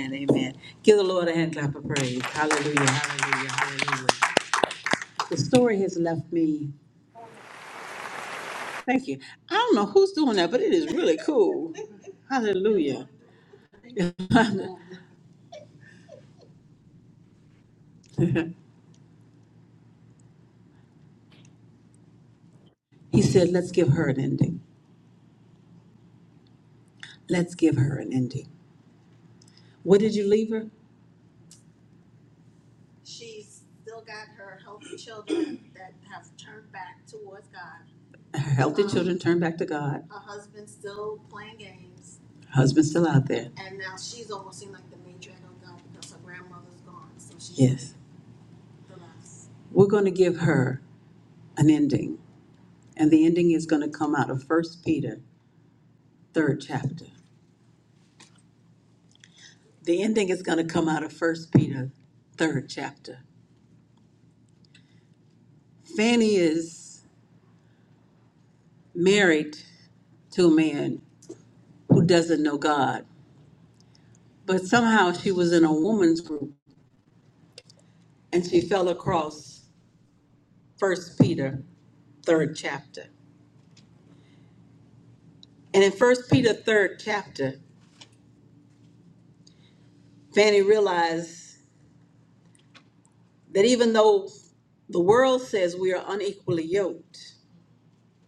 S1: Amen. Amen. Give the Lord a hand clap of praise. Hallelujah. Hallelujah. Hallelujah. The story has left me. Thank you. I don't know who's doing that, but it is really cool. Hallelujah. *laughs* He said, let's give her an ending. Let's give her an ending. What did you leave her? Her healthy children turned back to God. Husband's still out there. Yes. We're going to give her an ending. And the ending is going to come out of First Peter, third chapter. The ending is going to come out of First Peter, third chapter. Fanny is married to a man who doesn't know God, but somehow she was in a woman's group and she fell across First Peter, third chapter. And in First Peter, third chapter, Fanny realized that even though the world says we are unequally yoked,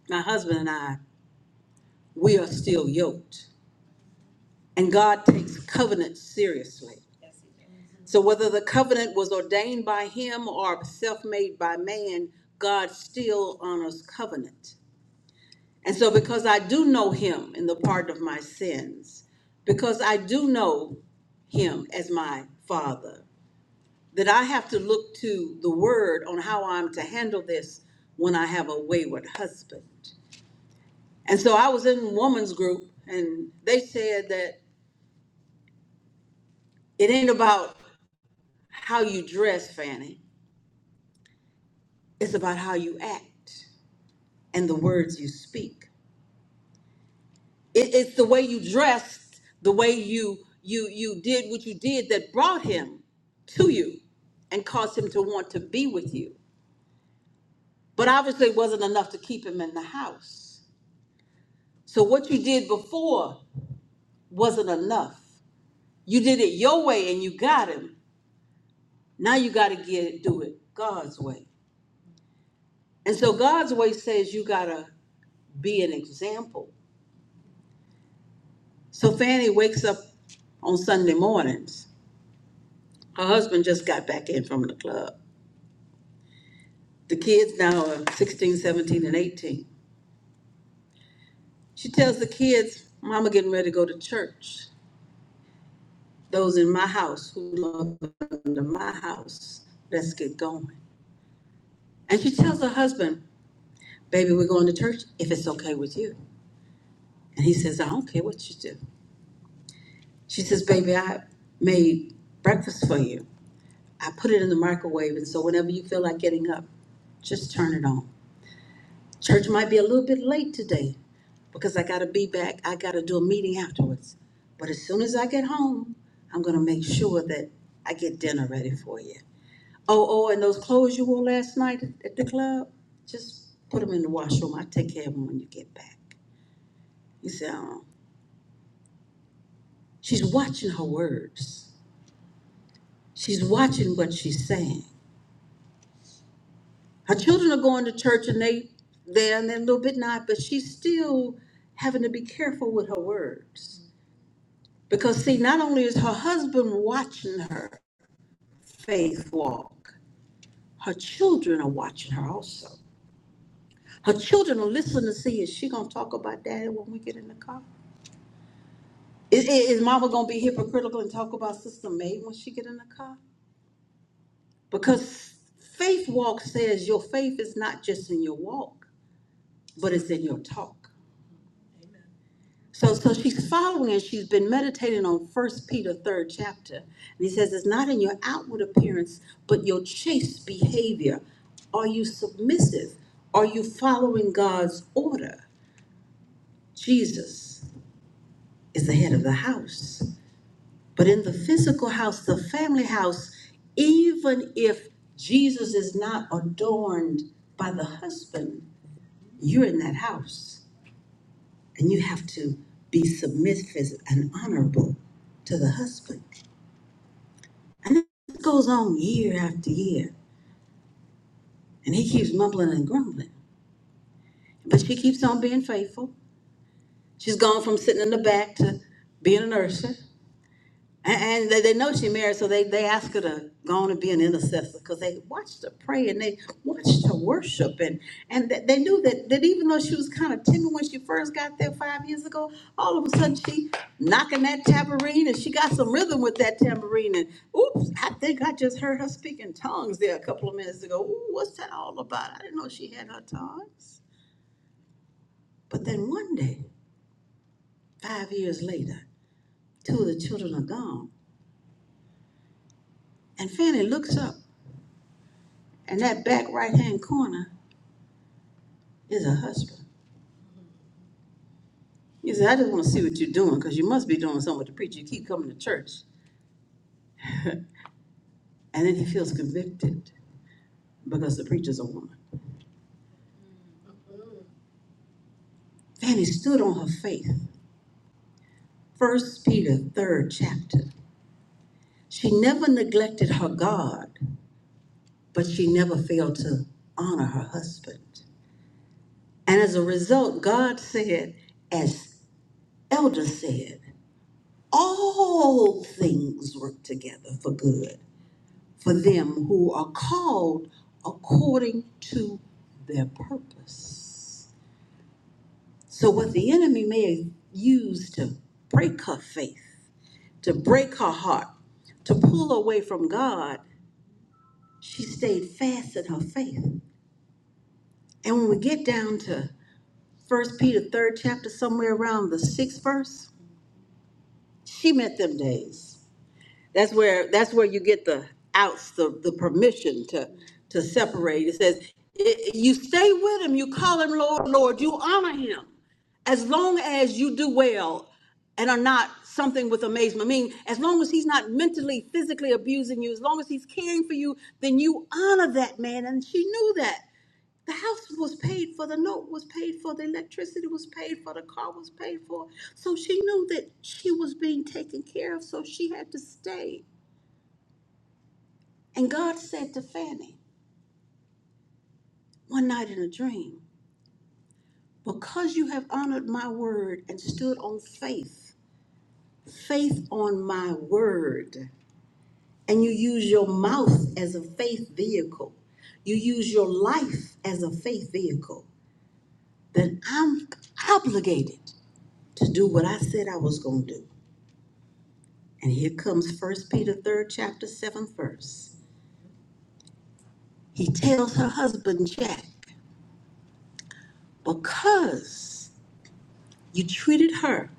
S1: my husband and I, we are still yoked. And God takes covenant seriously. So whether the covenant was ordained by him or self-made by man, God still honors covenant. And so because I do know him in the pardon of my sins, because I do know him as my father, that I have to look to the word on how I'm to handle this when I have a wayward husband. And so I was in woman's group and they said that it ain't about how you dress, Fanny. It's about how you act. and the words you speak. It, it's the way you dressed, the way you you you did what you did that brought him to you and caused him to want to be with you. But obviously, it wasn't enough to keep him in the house. So what you did before wasn't enough. You did it your way and you got him. Now you got to get it, do it God's way. And so God's way says you got to be an example. So Fanny wakes up on Sunday mornings Her husband just got back in from the club. The kids now are 16, 17, and 18. She tells the kids, Mama getting ready to go to church. Those in my house who love under my house, let's get going. And she tells her husband, Baby, we're going to church if it's okay with you. And he says, I don't care what you do. She says, Baby, I made breakfast for you. I put it in the microwave, and so whenever you feel like getting up, just turn it on. Church might be a little bit late today because I got to be back. I got to do a meeting afterwards. But as soon as I get home, I'm going to make sure that I get dinner ready for you. Oh, oh, and those clothes you wore last night at the club, just put them in the washroom. I'll take care of them when you get back. You say, oh. She's watching her words. She's watching what she's saying. Her children are going to church and they there and they're a little bit not, but she's still having to be careful with her words. Because see, not only is her husband watching her faith walk, her children are watching her also. Her children are listening to see is she gonna talk about daddy when we get in the car? Is, is, mama gonna be hypocritical and talk about sister May when she get in the car? Because faith walk says your faith is not just in your walk, but it's in your talk. So, so she's following and she's been meditating on First Peter third chapter, and he says it's not in your outward appearance, but your chaste behavior. Are you submissive? Are you following God's order? Jesus is the head of the house, but in the physical house, the family house, even if Jesus is not adorned by the husband, you're in that house. and you have to be submissive and honorable to the husband. And it goes on year after year, and he keeps mumbling and grumbling. But she keeps on being faithful. She's gone from sitting in the back to being a nurse. And, and they, they know she married, so they, they ask her to go on and be an intercessor because they watched her pray and they watched her worship. And, and th- they knew that, that even though she was kind of timid when she first got there five years ago, all of a sudden she knocking that tambourine and she got some rhythm with that tambourine. And oops, I think I just heard her speaking tongues there a couple of minutes ago. Ooh, what's that all about? I didn't know she had her tongues. But then one day, five years later, two of the children are gone. And Fanny looks up And that back right-hand corner is a husband. He said, I just want to see what you're doing because you must be doing something with the preacher. You keep coming to church. *laughs* And then he feels convicted because the preacher's a woman. Fanny stood on her faith. First Peter, third chapter. She never neglected her God, but she never failed to honor her husband. And as a result, God said, as Elder said, all things work together for good for them who are called according to their purpose. So, what the enemy may use to break her faith, to break her heart, to pull away from God, she stayed fast in her faith. And when we get down to First Peter 3rd chapter, somewhere around the 6th verse, she met them days. That's where, that's where you get the outs, the, the permission to, to separate. It says, i- you stay with him, you call him Lord, Lord, you honor him. As long as you do well and are not something with amazement, I mean, as long as he's not mentally, physically abusing you, as long as he's caring for you, then you honor that man. And she knew that. The house was paid for, the note was paid for, the electricity was paid for, the car was paid for. So she knew that she was being taken care of, so she had to stay. And God said to Fanny one night in a dream, Because you have honored my word and stood on faith, faith on my word, and you use your mouth as a faith vehicle, you use your life as a faith vehicle, then I'm obligated to do what I said I was going to do. And here comes First Peter third chapter seventh verse. He tells her husband Jack, because you treated her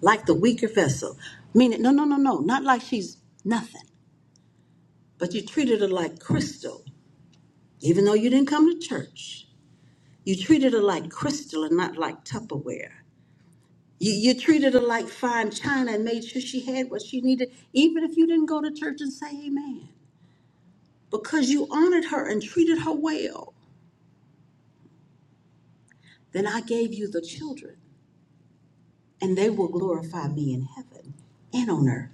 S1: like the weaker vessel, meaning no, no, no, no, not like she's nothing, but you treated her like crystal, even though you didn't come to church. You treated her like crystal and not like Tupperware. You, you treated her like fine china and made sure she had what she needed, even if you didn't go to church and say amen, because you honored her and treated her well. Then I gave you the children, and they will glorify me in heaven and on earth.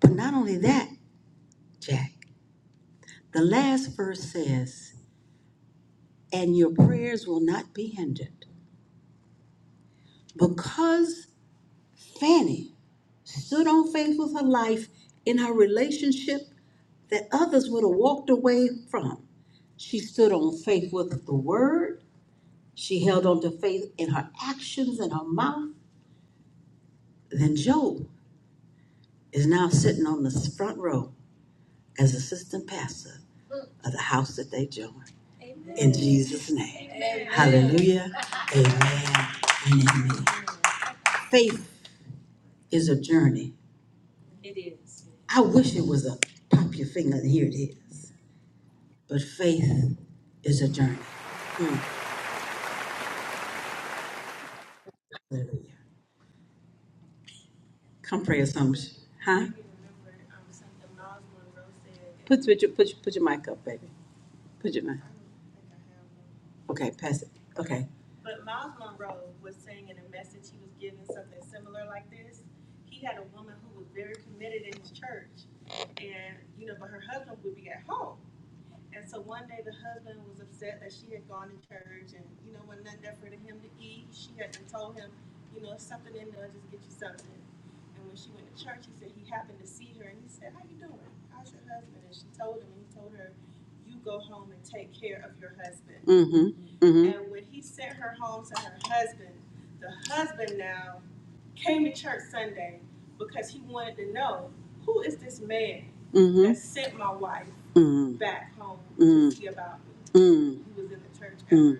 S1: But not only that, Jack, the last verse says, and your prayers will not be hindered. Because Fanny stood on faith with her life in her relationship that others would have walked away from. She stood on faith with the word. She held on to faith in her actions and her mouth. Then Job is now sitting on the front row as assistant pastor of the house that they join. In Jesus' name. Amen. Hallelujah. Amen. And amen. Faith is a journey. I wish it was a pop your finger and here it is. But faith is a journey. Mm. Hallelujah. Come pray a song, Huh? Put, put, your, put, your, put your mic up, baby. Put your mic. Okay, pass it. Okay. Mm-hmm. Mm-hmm. And when he sent her her home to her husband. Mm-hmm. Mm. Mm. me, Mm. Mm.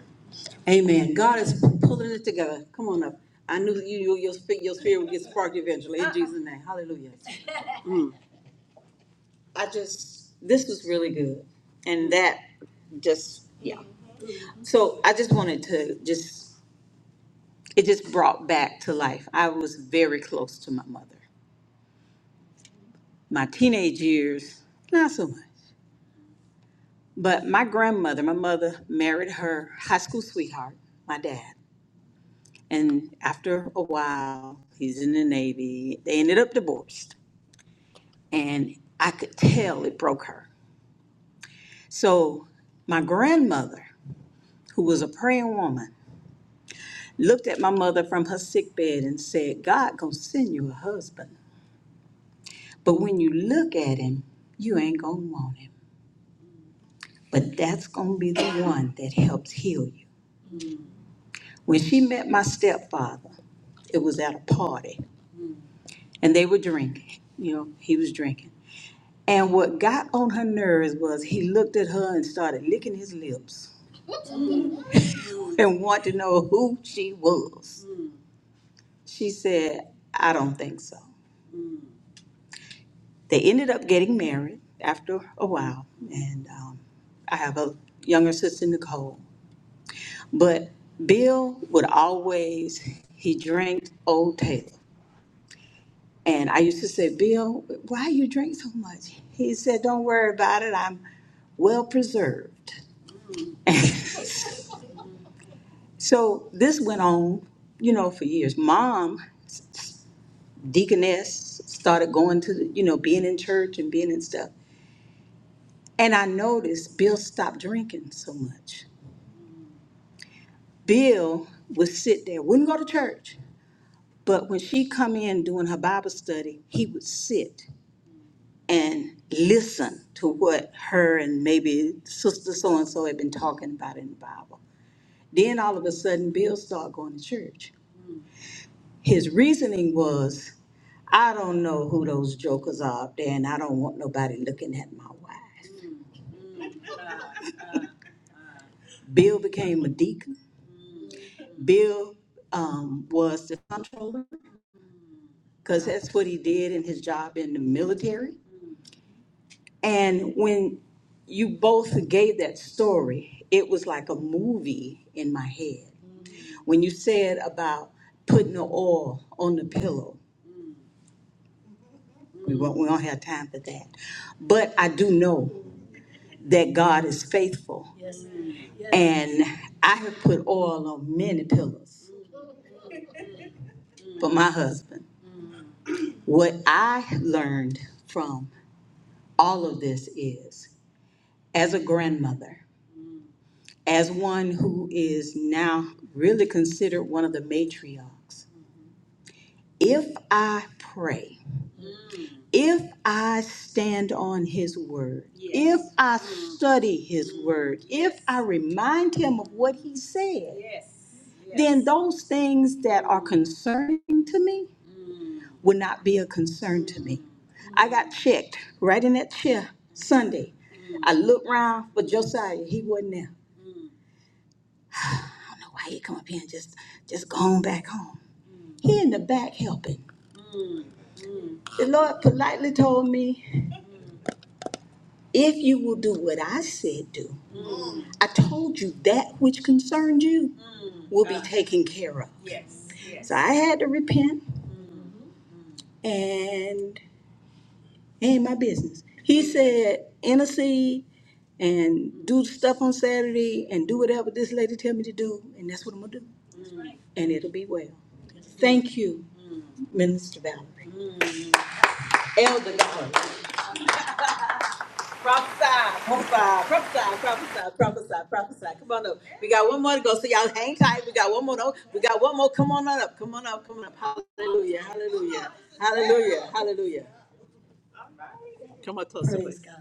S1: Amen. God is pulling it together. Come on up. I knew you, you your spirit, your spirit would get sparked eventually. In Jesus' name, Hallelujah. I just this was really good, and that just yeah. So I just wanted to just it just brought back to life. I was very close to my mother. My teenage years, not so much. But my grandmother, my mother married her high school sweetheart, my dad. And after a while, he's in the Navy. They ended up divorced. And I could tell it broke her. So my grandmother, who was a praying woman, looked at my mother from her sick bed and said, God gonna send you a husband. But when you look at him, you ain't gonna want him. But that's gonna be the one that helps heal you. When she met my stepfather, it was at a party and they were drinking. You know, he was drinking. And what got on her nerves was he looked at her and started licking his lips *laughs* and wanted to know who she was. She said, I don't think so. They ended up getting married after a while, and um, I have a younger sister, Nicole. But Bill would always, he drank Old Taylor. And I used to say, Bill, why you drink so much? He said, Don't worry about it. I'm well preserved. *laughs* So this went on, you know, for years. Mom, deaconess, started going to, the, you know, being in church and being in stuff. And I noticed Bill stopped drinking so much. Bill would sit there, wouldn't go to church, but when she come in doing her Bible study, he would sit and listen to what her and maybe sister so and so had been talking about in the Bible. Then all of a sudden, Bill started going to church. His reasoning was I don't know who those jokers are up there, and I don't want nobody looking at my wife. Bill became a deacon. Bill um, was the comptroller because that's what he did in his job in the military. And when you both gave that story, it was like a movie in my head. When you said about putting the oil on the pillow, we won't, we don't have time for that. But I do know that God is faithful And I have put oil on many pillows for my husband. What I learned from all of this is as a grandmother, as one who is now really considered one of the matriarchs, if I pray, if I stand on his word, if Yes. I study his word, if I remind him of what he said, then those things that are concerning to me would not be a concern to me. I got checked. Yeah, I looked round. No, why he come up here and just just gone back home? He in the back helping. The Lord politely told me, if you will do what I said do, I told you that which concerned you, right? and it'll be well. Thank You, Val. Elder Valerie. Prophesy, prophesy, prophesy, prophesy, prophesy, prophesy. Come on up. We got one more to go. So y'all hang tight. We got one more. To, we got one more. Come on up. Come on up. Come on up. Hallelujah. Hallelujah. Hallelujah. Hallelujah. Come on, Tulsa, Praise God.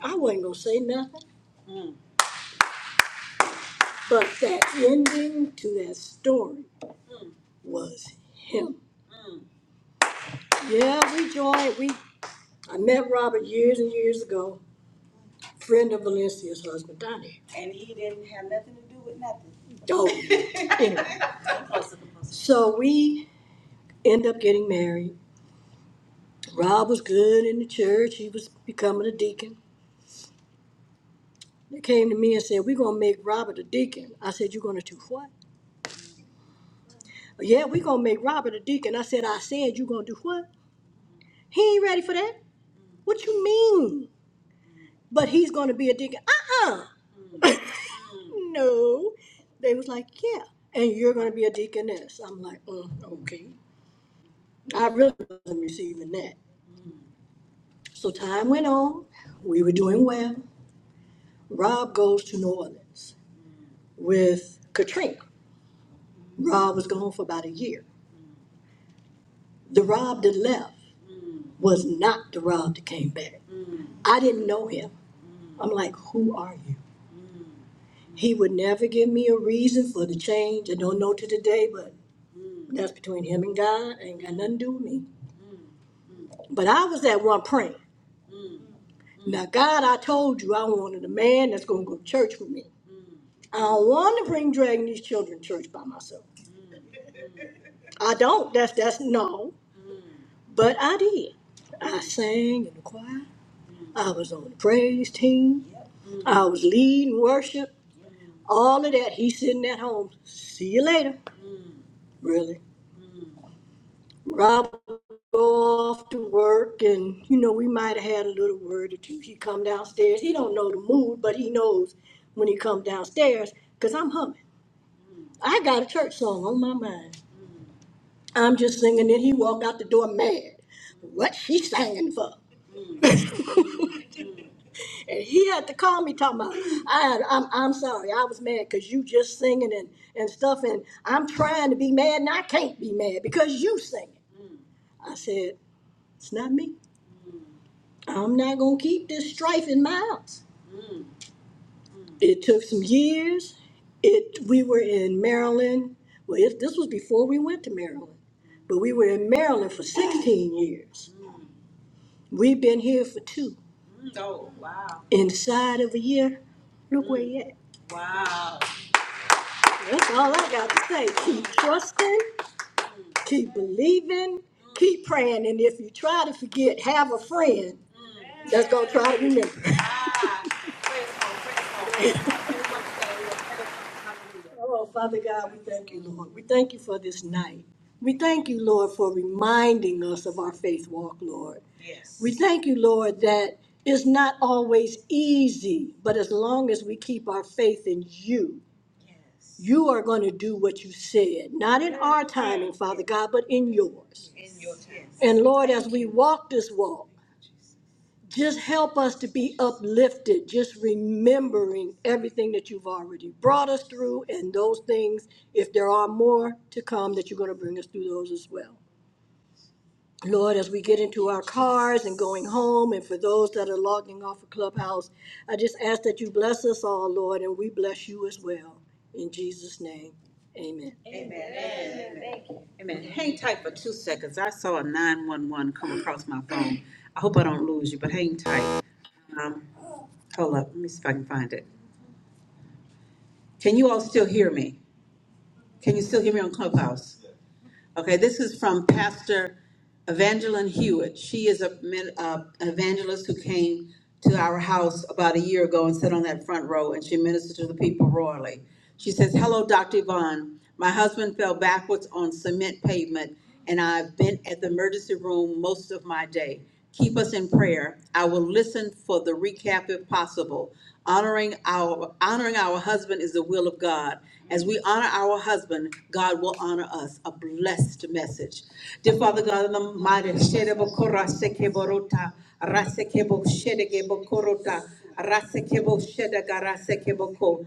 S1: I wasn't gonna say nothing, but that ending to that story was him. Yeah, we joined. We I met Robert years and years ago, friend of Valencia's husband, Donnie. Oh, *laughs* anyway, so we end up getting married. Rob was good in the church. He was becoming a deacon. They came to me and said, "We're gonna make Robert a deacon." I said, "You're gonna do what?" Yeah, we're gonna make Robert a deacon. I said, "I said you're gonna do what?" He ain't ready for that. What you mean? but he's going to be a deacon. Uh uh No. They was like, yeah, and you're going to be a deaconess. I'm like, mm, okay. I really wasn't receiving that. So time went on. We were doing well. Rob goes to New Orleans with Katrina. Rob was gone for about a year. The Rob that left was not the Rob that came back. I didn't know him. I'm like, who are you? He would never give me a reason for the change. I don't know to the day, but that's between him and God. Ain't got nothing to do with me. But I was that one praying. Now, God, I told you I wanted a man that's going to go to church with me. I don't want to bring dragging these children to church by myself. I don't. That's that's no. But I did. I sang in the choir. I was on the praise team. I was leading worship. All of that. He's sitting at home. See you later. Really. Rob. go off to work and you know we might have had a little word or two he come downstairs he don't know the mood but he knows when he come downstairs because i'm humming i got a church song on my mind i'm just singing it. he walked out the door mad what she singing for and he had to call me talking about I, I'm, I'm sorry i was mad because you just singing and, and stuff and i'm trying to be mad and i can't be mad because you singing i said it's not me i'm not gonna keep this strife in my house It took some years. It we were in Maryland. Well, it, this was before we went to Maryland, but we were in Maryland for 16 years. We've been here for two. Inside of a year, look where you at. That's all I got to say. Keep trusting, keep believing, keep praying, and if you try to forget, have a friend that's gonna try to remember. Thank you for reminding our faith. We thank you, Lord, that it's not always easy, but as long as we keep our view, you said, not in our timing, Father, and remembering everything that you've already brought us through and those things, if there are more to come, that you're going to bring us through those as well. Lord, as we get into our cars and going home, and for those that are logging off of Clubhouse, I just ask that you bless us all, Lord, and we bless you as well. In Jesus' name, amen. Hey man, hang tight for two seconds. I saw a nine one one come across my phone. I hope I don't lose you, but hang tight. Um, hold up, let me see if I can find it. Can you all still hear me? Can you still hear me on Clubhouse? Okay, this is from Pastor Evangeline Hewitt. She is a min- uh, an evangelist who came to our house about a year ago and sat on that front row, and she ministered to the people royally. She says, "Hello, Dr. Yvonne. My husband fell backwards on cement pavement, and I've been at the emergency room most of my day. Keep us in prayer. I will listen for the recap if possible. Honoring our honoring our husband is the will of God. As we honor our husband, God will honor us. A blessed message. Dear Father God, in the mighty Shedebo Kora Sekeborota, Rasekebo Shedegebo Korota, Rasekebo Shedega Rasekebo Ko,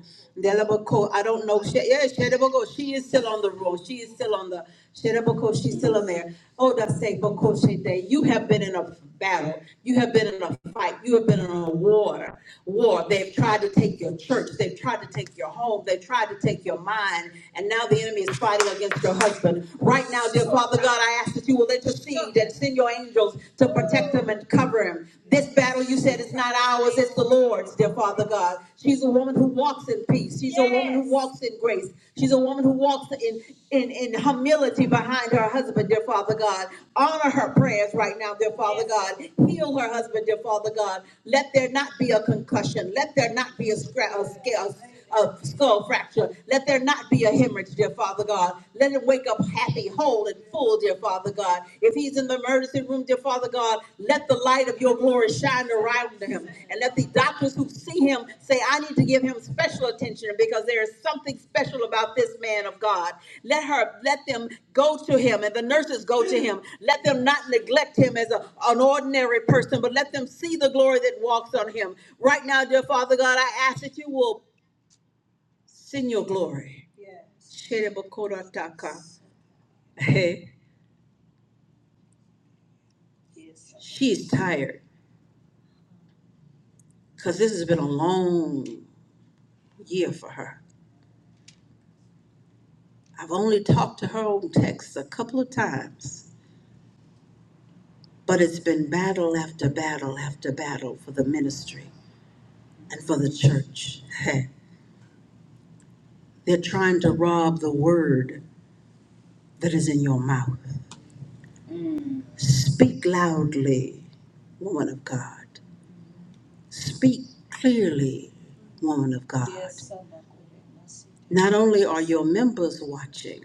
S1: I don't know. She- Yeah, Shedebo She is still on the roll. She is still on the Shedebo She's still on there. Oh, that's say, but Day, you have been in a battle. You have been in a fight. You have been in a war. War. They've tried to take your church. They've tried to take your home. They've tried to take your mind. And now the enemy is fighting against your husband. Right now, dear Father God, I ask that you will intercede and send your angels to protect him and cover him. This battle, you said, is not ours. It's the Lord's, dear Father God. She's a woman who walks in peace. She's yes. a woman who Yes. walks in grace. She's a woman who walks in, in, in humility behind her husband, dear Father God. Honor her prayers right now, dear Father Yes, God. Heal her husband, dear Father God. Let there not be a concussion. Let there not be a, scra- a scale a skull fracture. Let there not be a hemorrhage, dear Father God. Let him wake up happy, whole, and full, dear Father God. If he's in the emergency room, dear Father God, let the light of your glory shine around him. And let the doctors who see him say, I need to give him special attention because there is something special about this man of God. Let her, let them go to him and the nurses go to him. Let them not neglect him as a, an ordinary person, but let them see the glory that walks on him. Right now, dear Father God, I ask that you will Send your glory. Hey, she's tired because this has been a long year for her. I've only talked to her on text a couple of times, but it's been battle after battle after battle for the ministry and for the church. *laughs* they're trying to rob the word that is in your mouth. Speak loudly, woman of God. Speak clearly, woman of God. Not only are your members watching,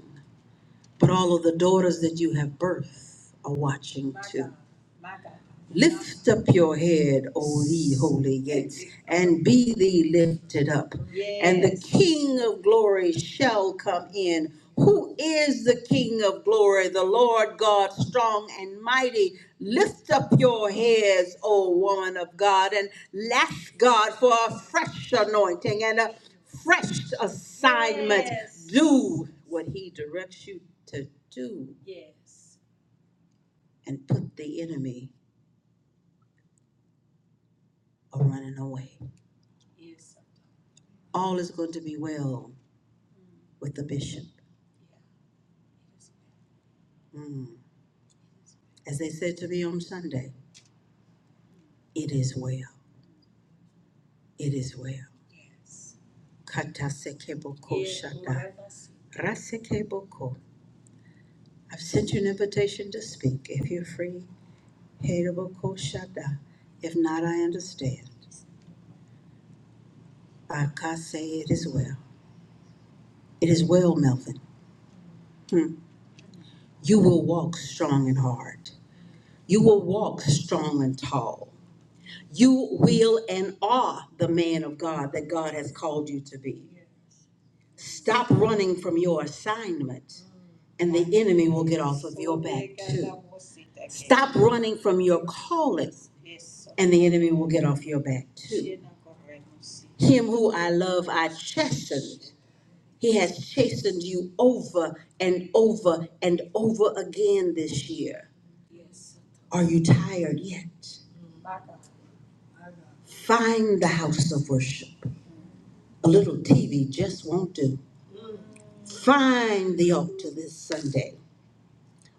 S1: But all of the daughters that you have birthed are watching. Lift up your head, O ye holy gates, and be thee lifted up. King of glory shall come in. Who is the King of glory? The Lord God, strong and mighty. Lift up your heads, O woman of God, and lash God for a fresh anointing and a fresh assignment. Yes. Do what he directs you to do. and put the enemy a running away. All is going to be well with the bishop. Mm. As they said to me on Sunday, it is well. It is well. Katasekeboko Yes, shata. Rasekeboko. I've sent you an invitation to speak. If you're free, Hedaboko shata. If not, I understand. It is well, Melvin. You will walk strong and hard. You will walk strong and tall. You will and are the man of God that God has called you to be. Stop running from your assignment and the enemy will get off. Stop running from your calling and the enemy will get off your back too. Him who I love, I chastened. He has chastened you over and over and over again this year. Are you tired yet? Find the house of worship. A little TV just won't do. Find the altar this Sunday.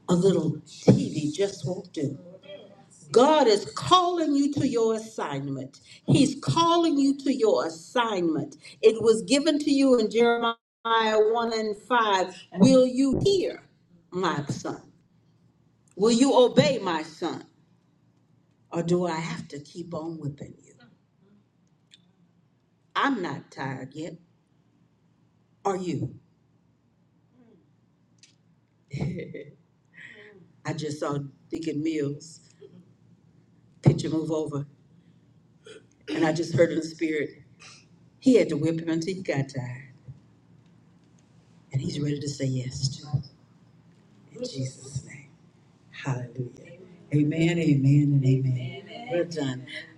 S1: A little TV just won't do. God is calling you to your assignment. He's calling you to your assignment. It was given to you in Jeremiah 1 and 5. Will you hear my son? Will you obey my son? Or do I have to keep on whipping you? I'm not tired yet. Are you? over?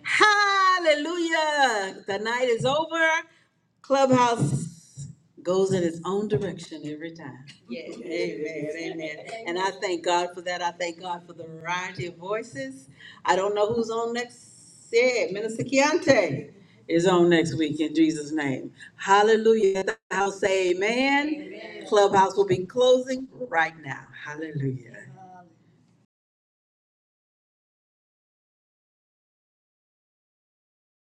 S1: How every time. Yes. *laughs* Amen, amen. And I thank God for that. I thank God for the variety of voices. I don't know who's on next. Yeah, Minister Keontae is on next week in Jesus' name. Hallelujah. I'll house say amen. Amen. Clubhouse will be closing right now. Hallelujah.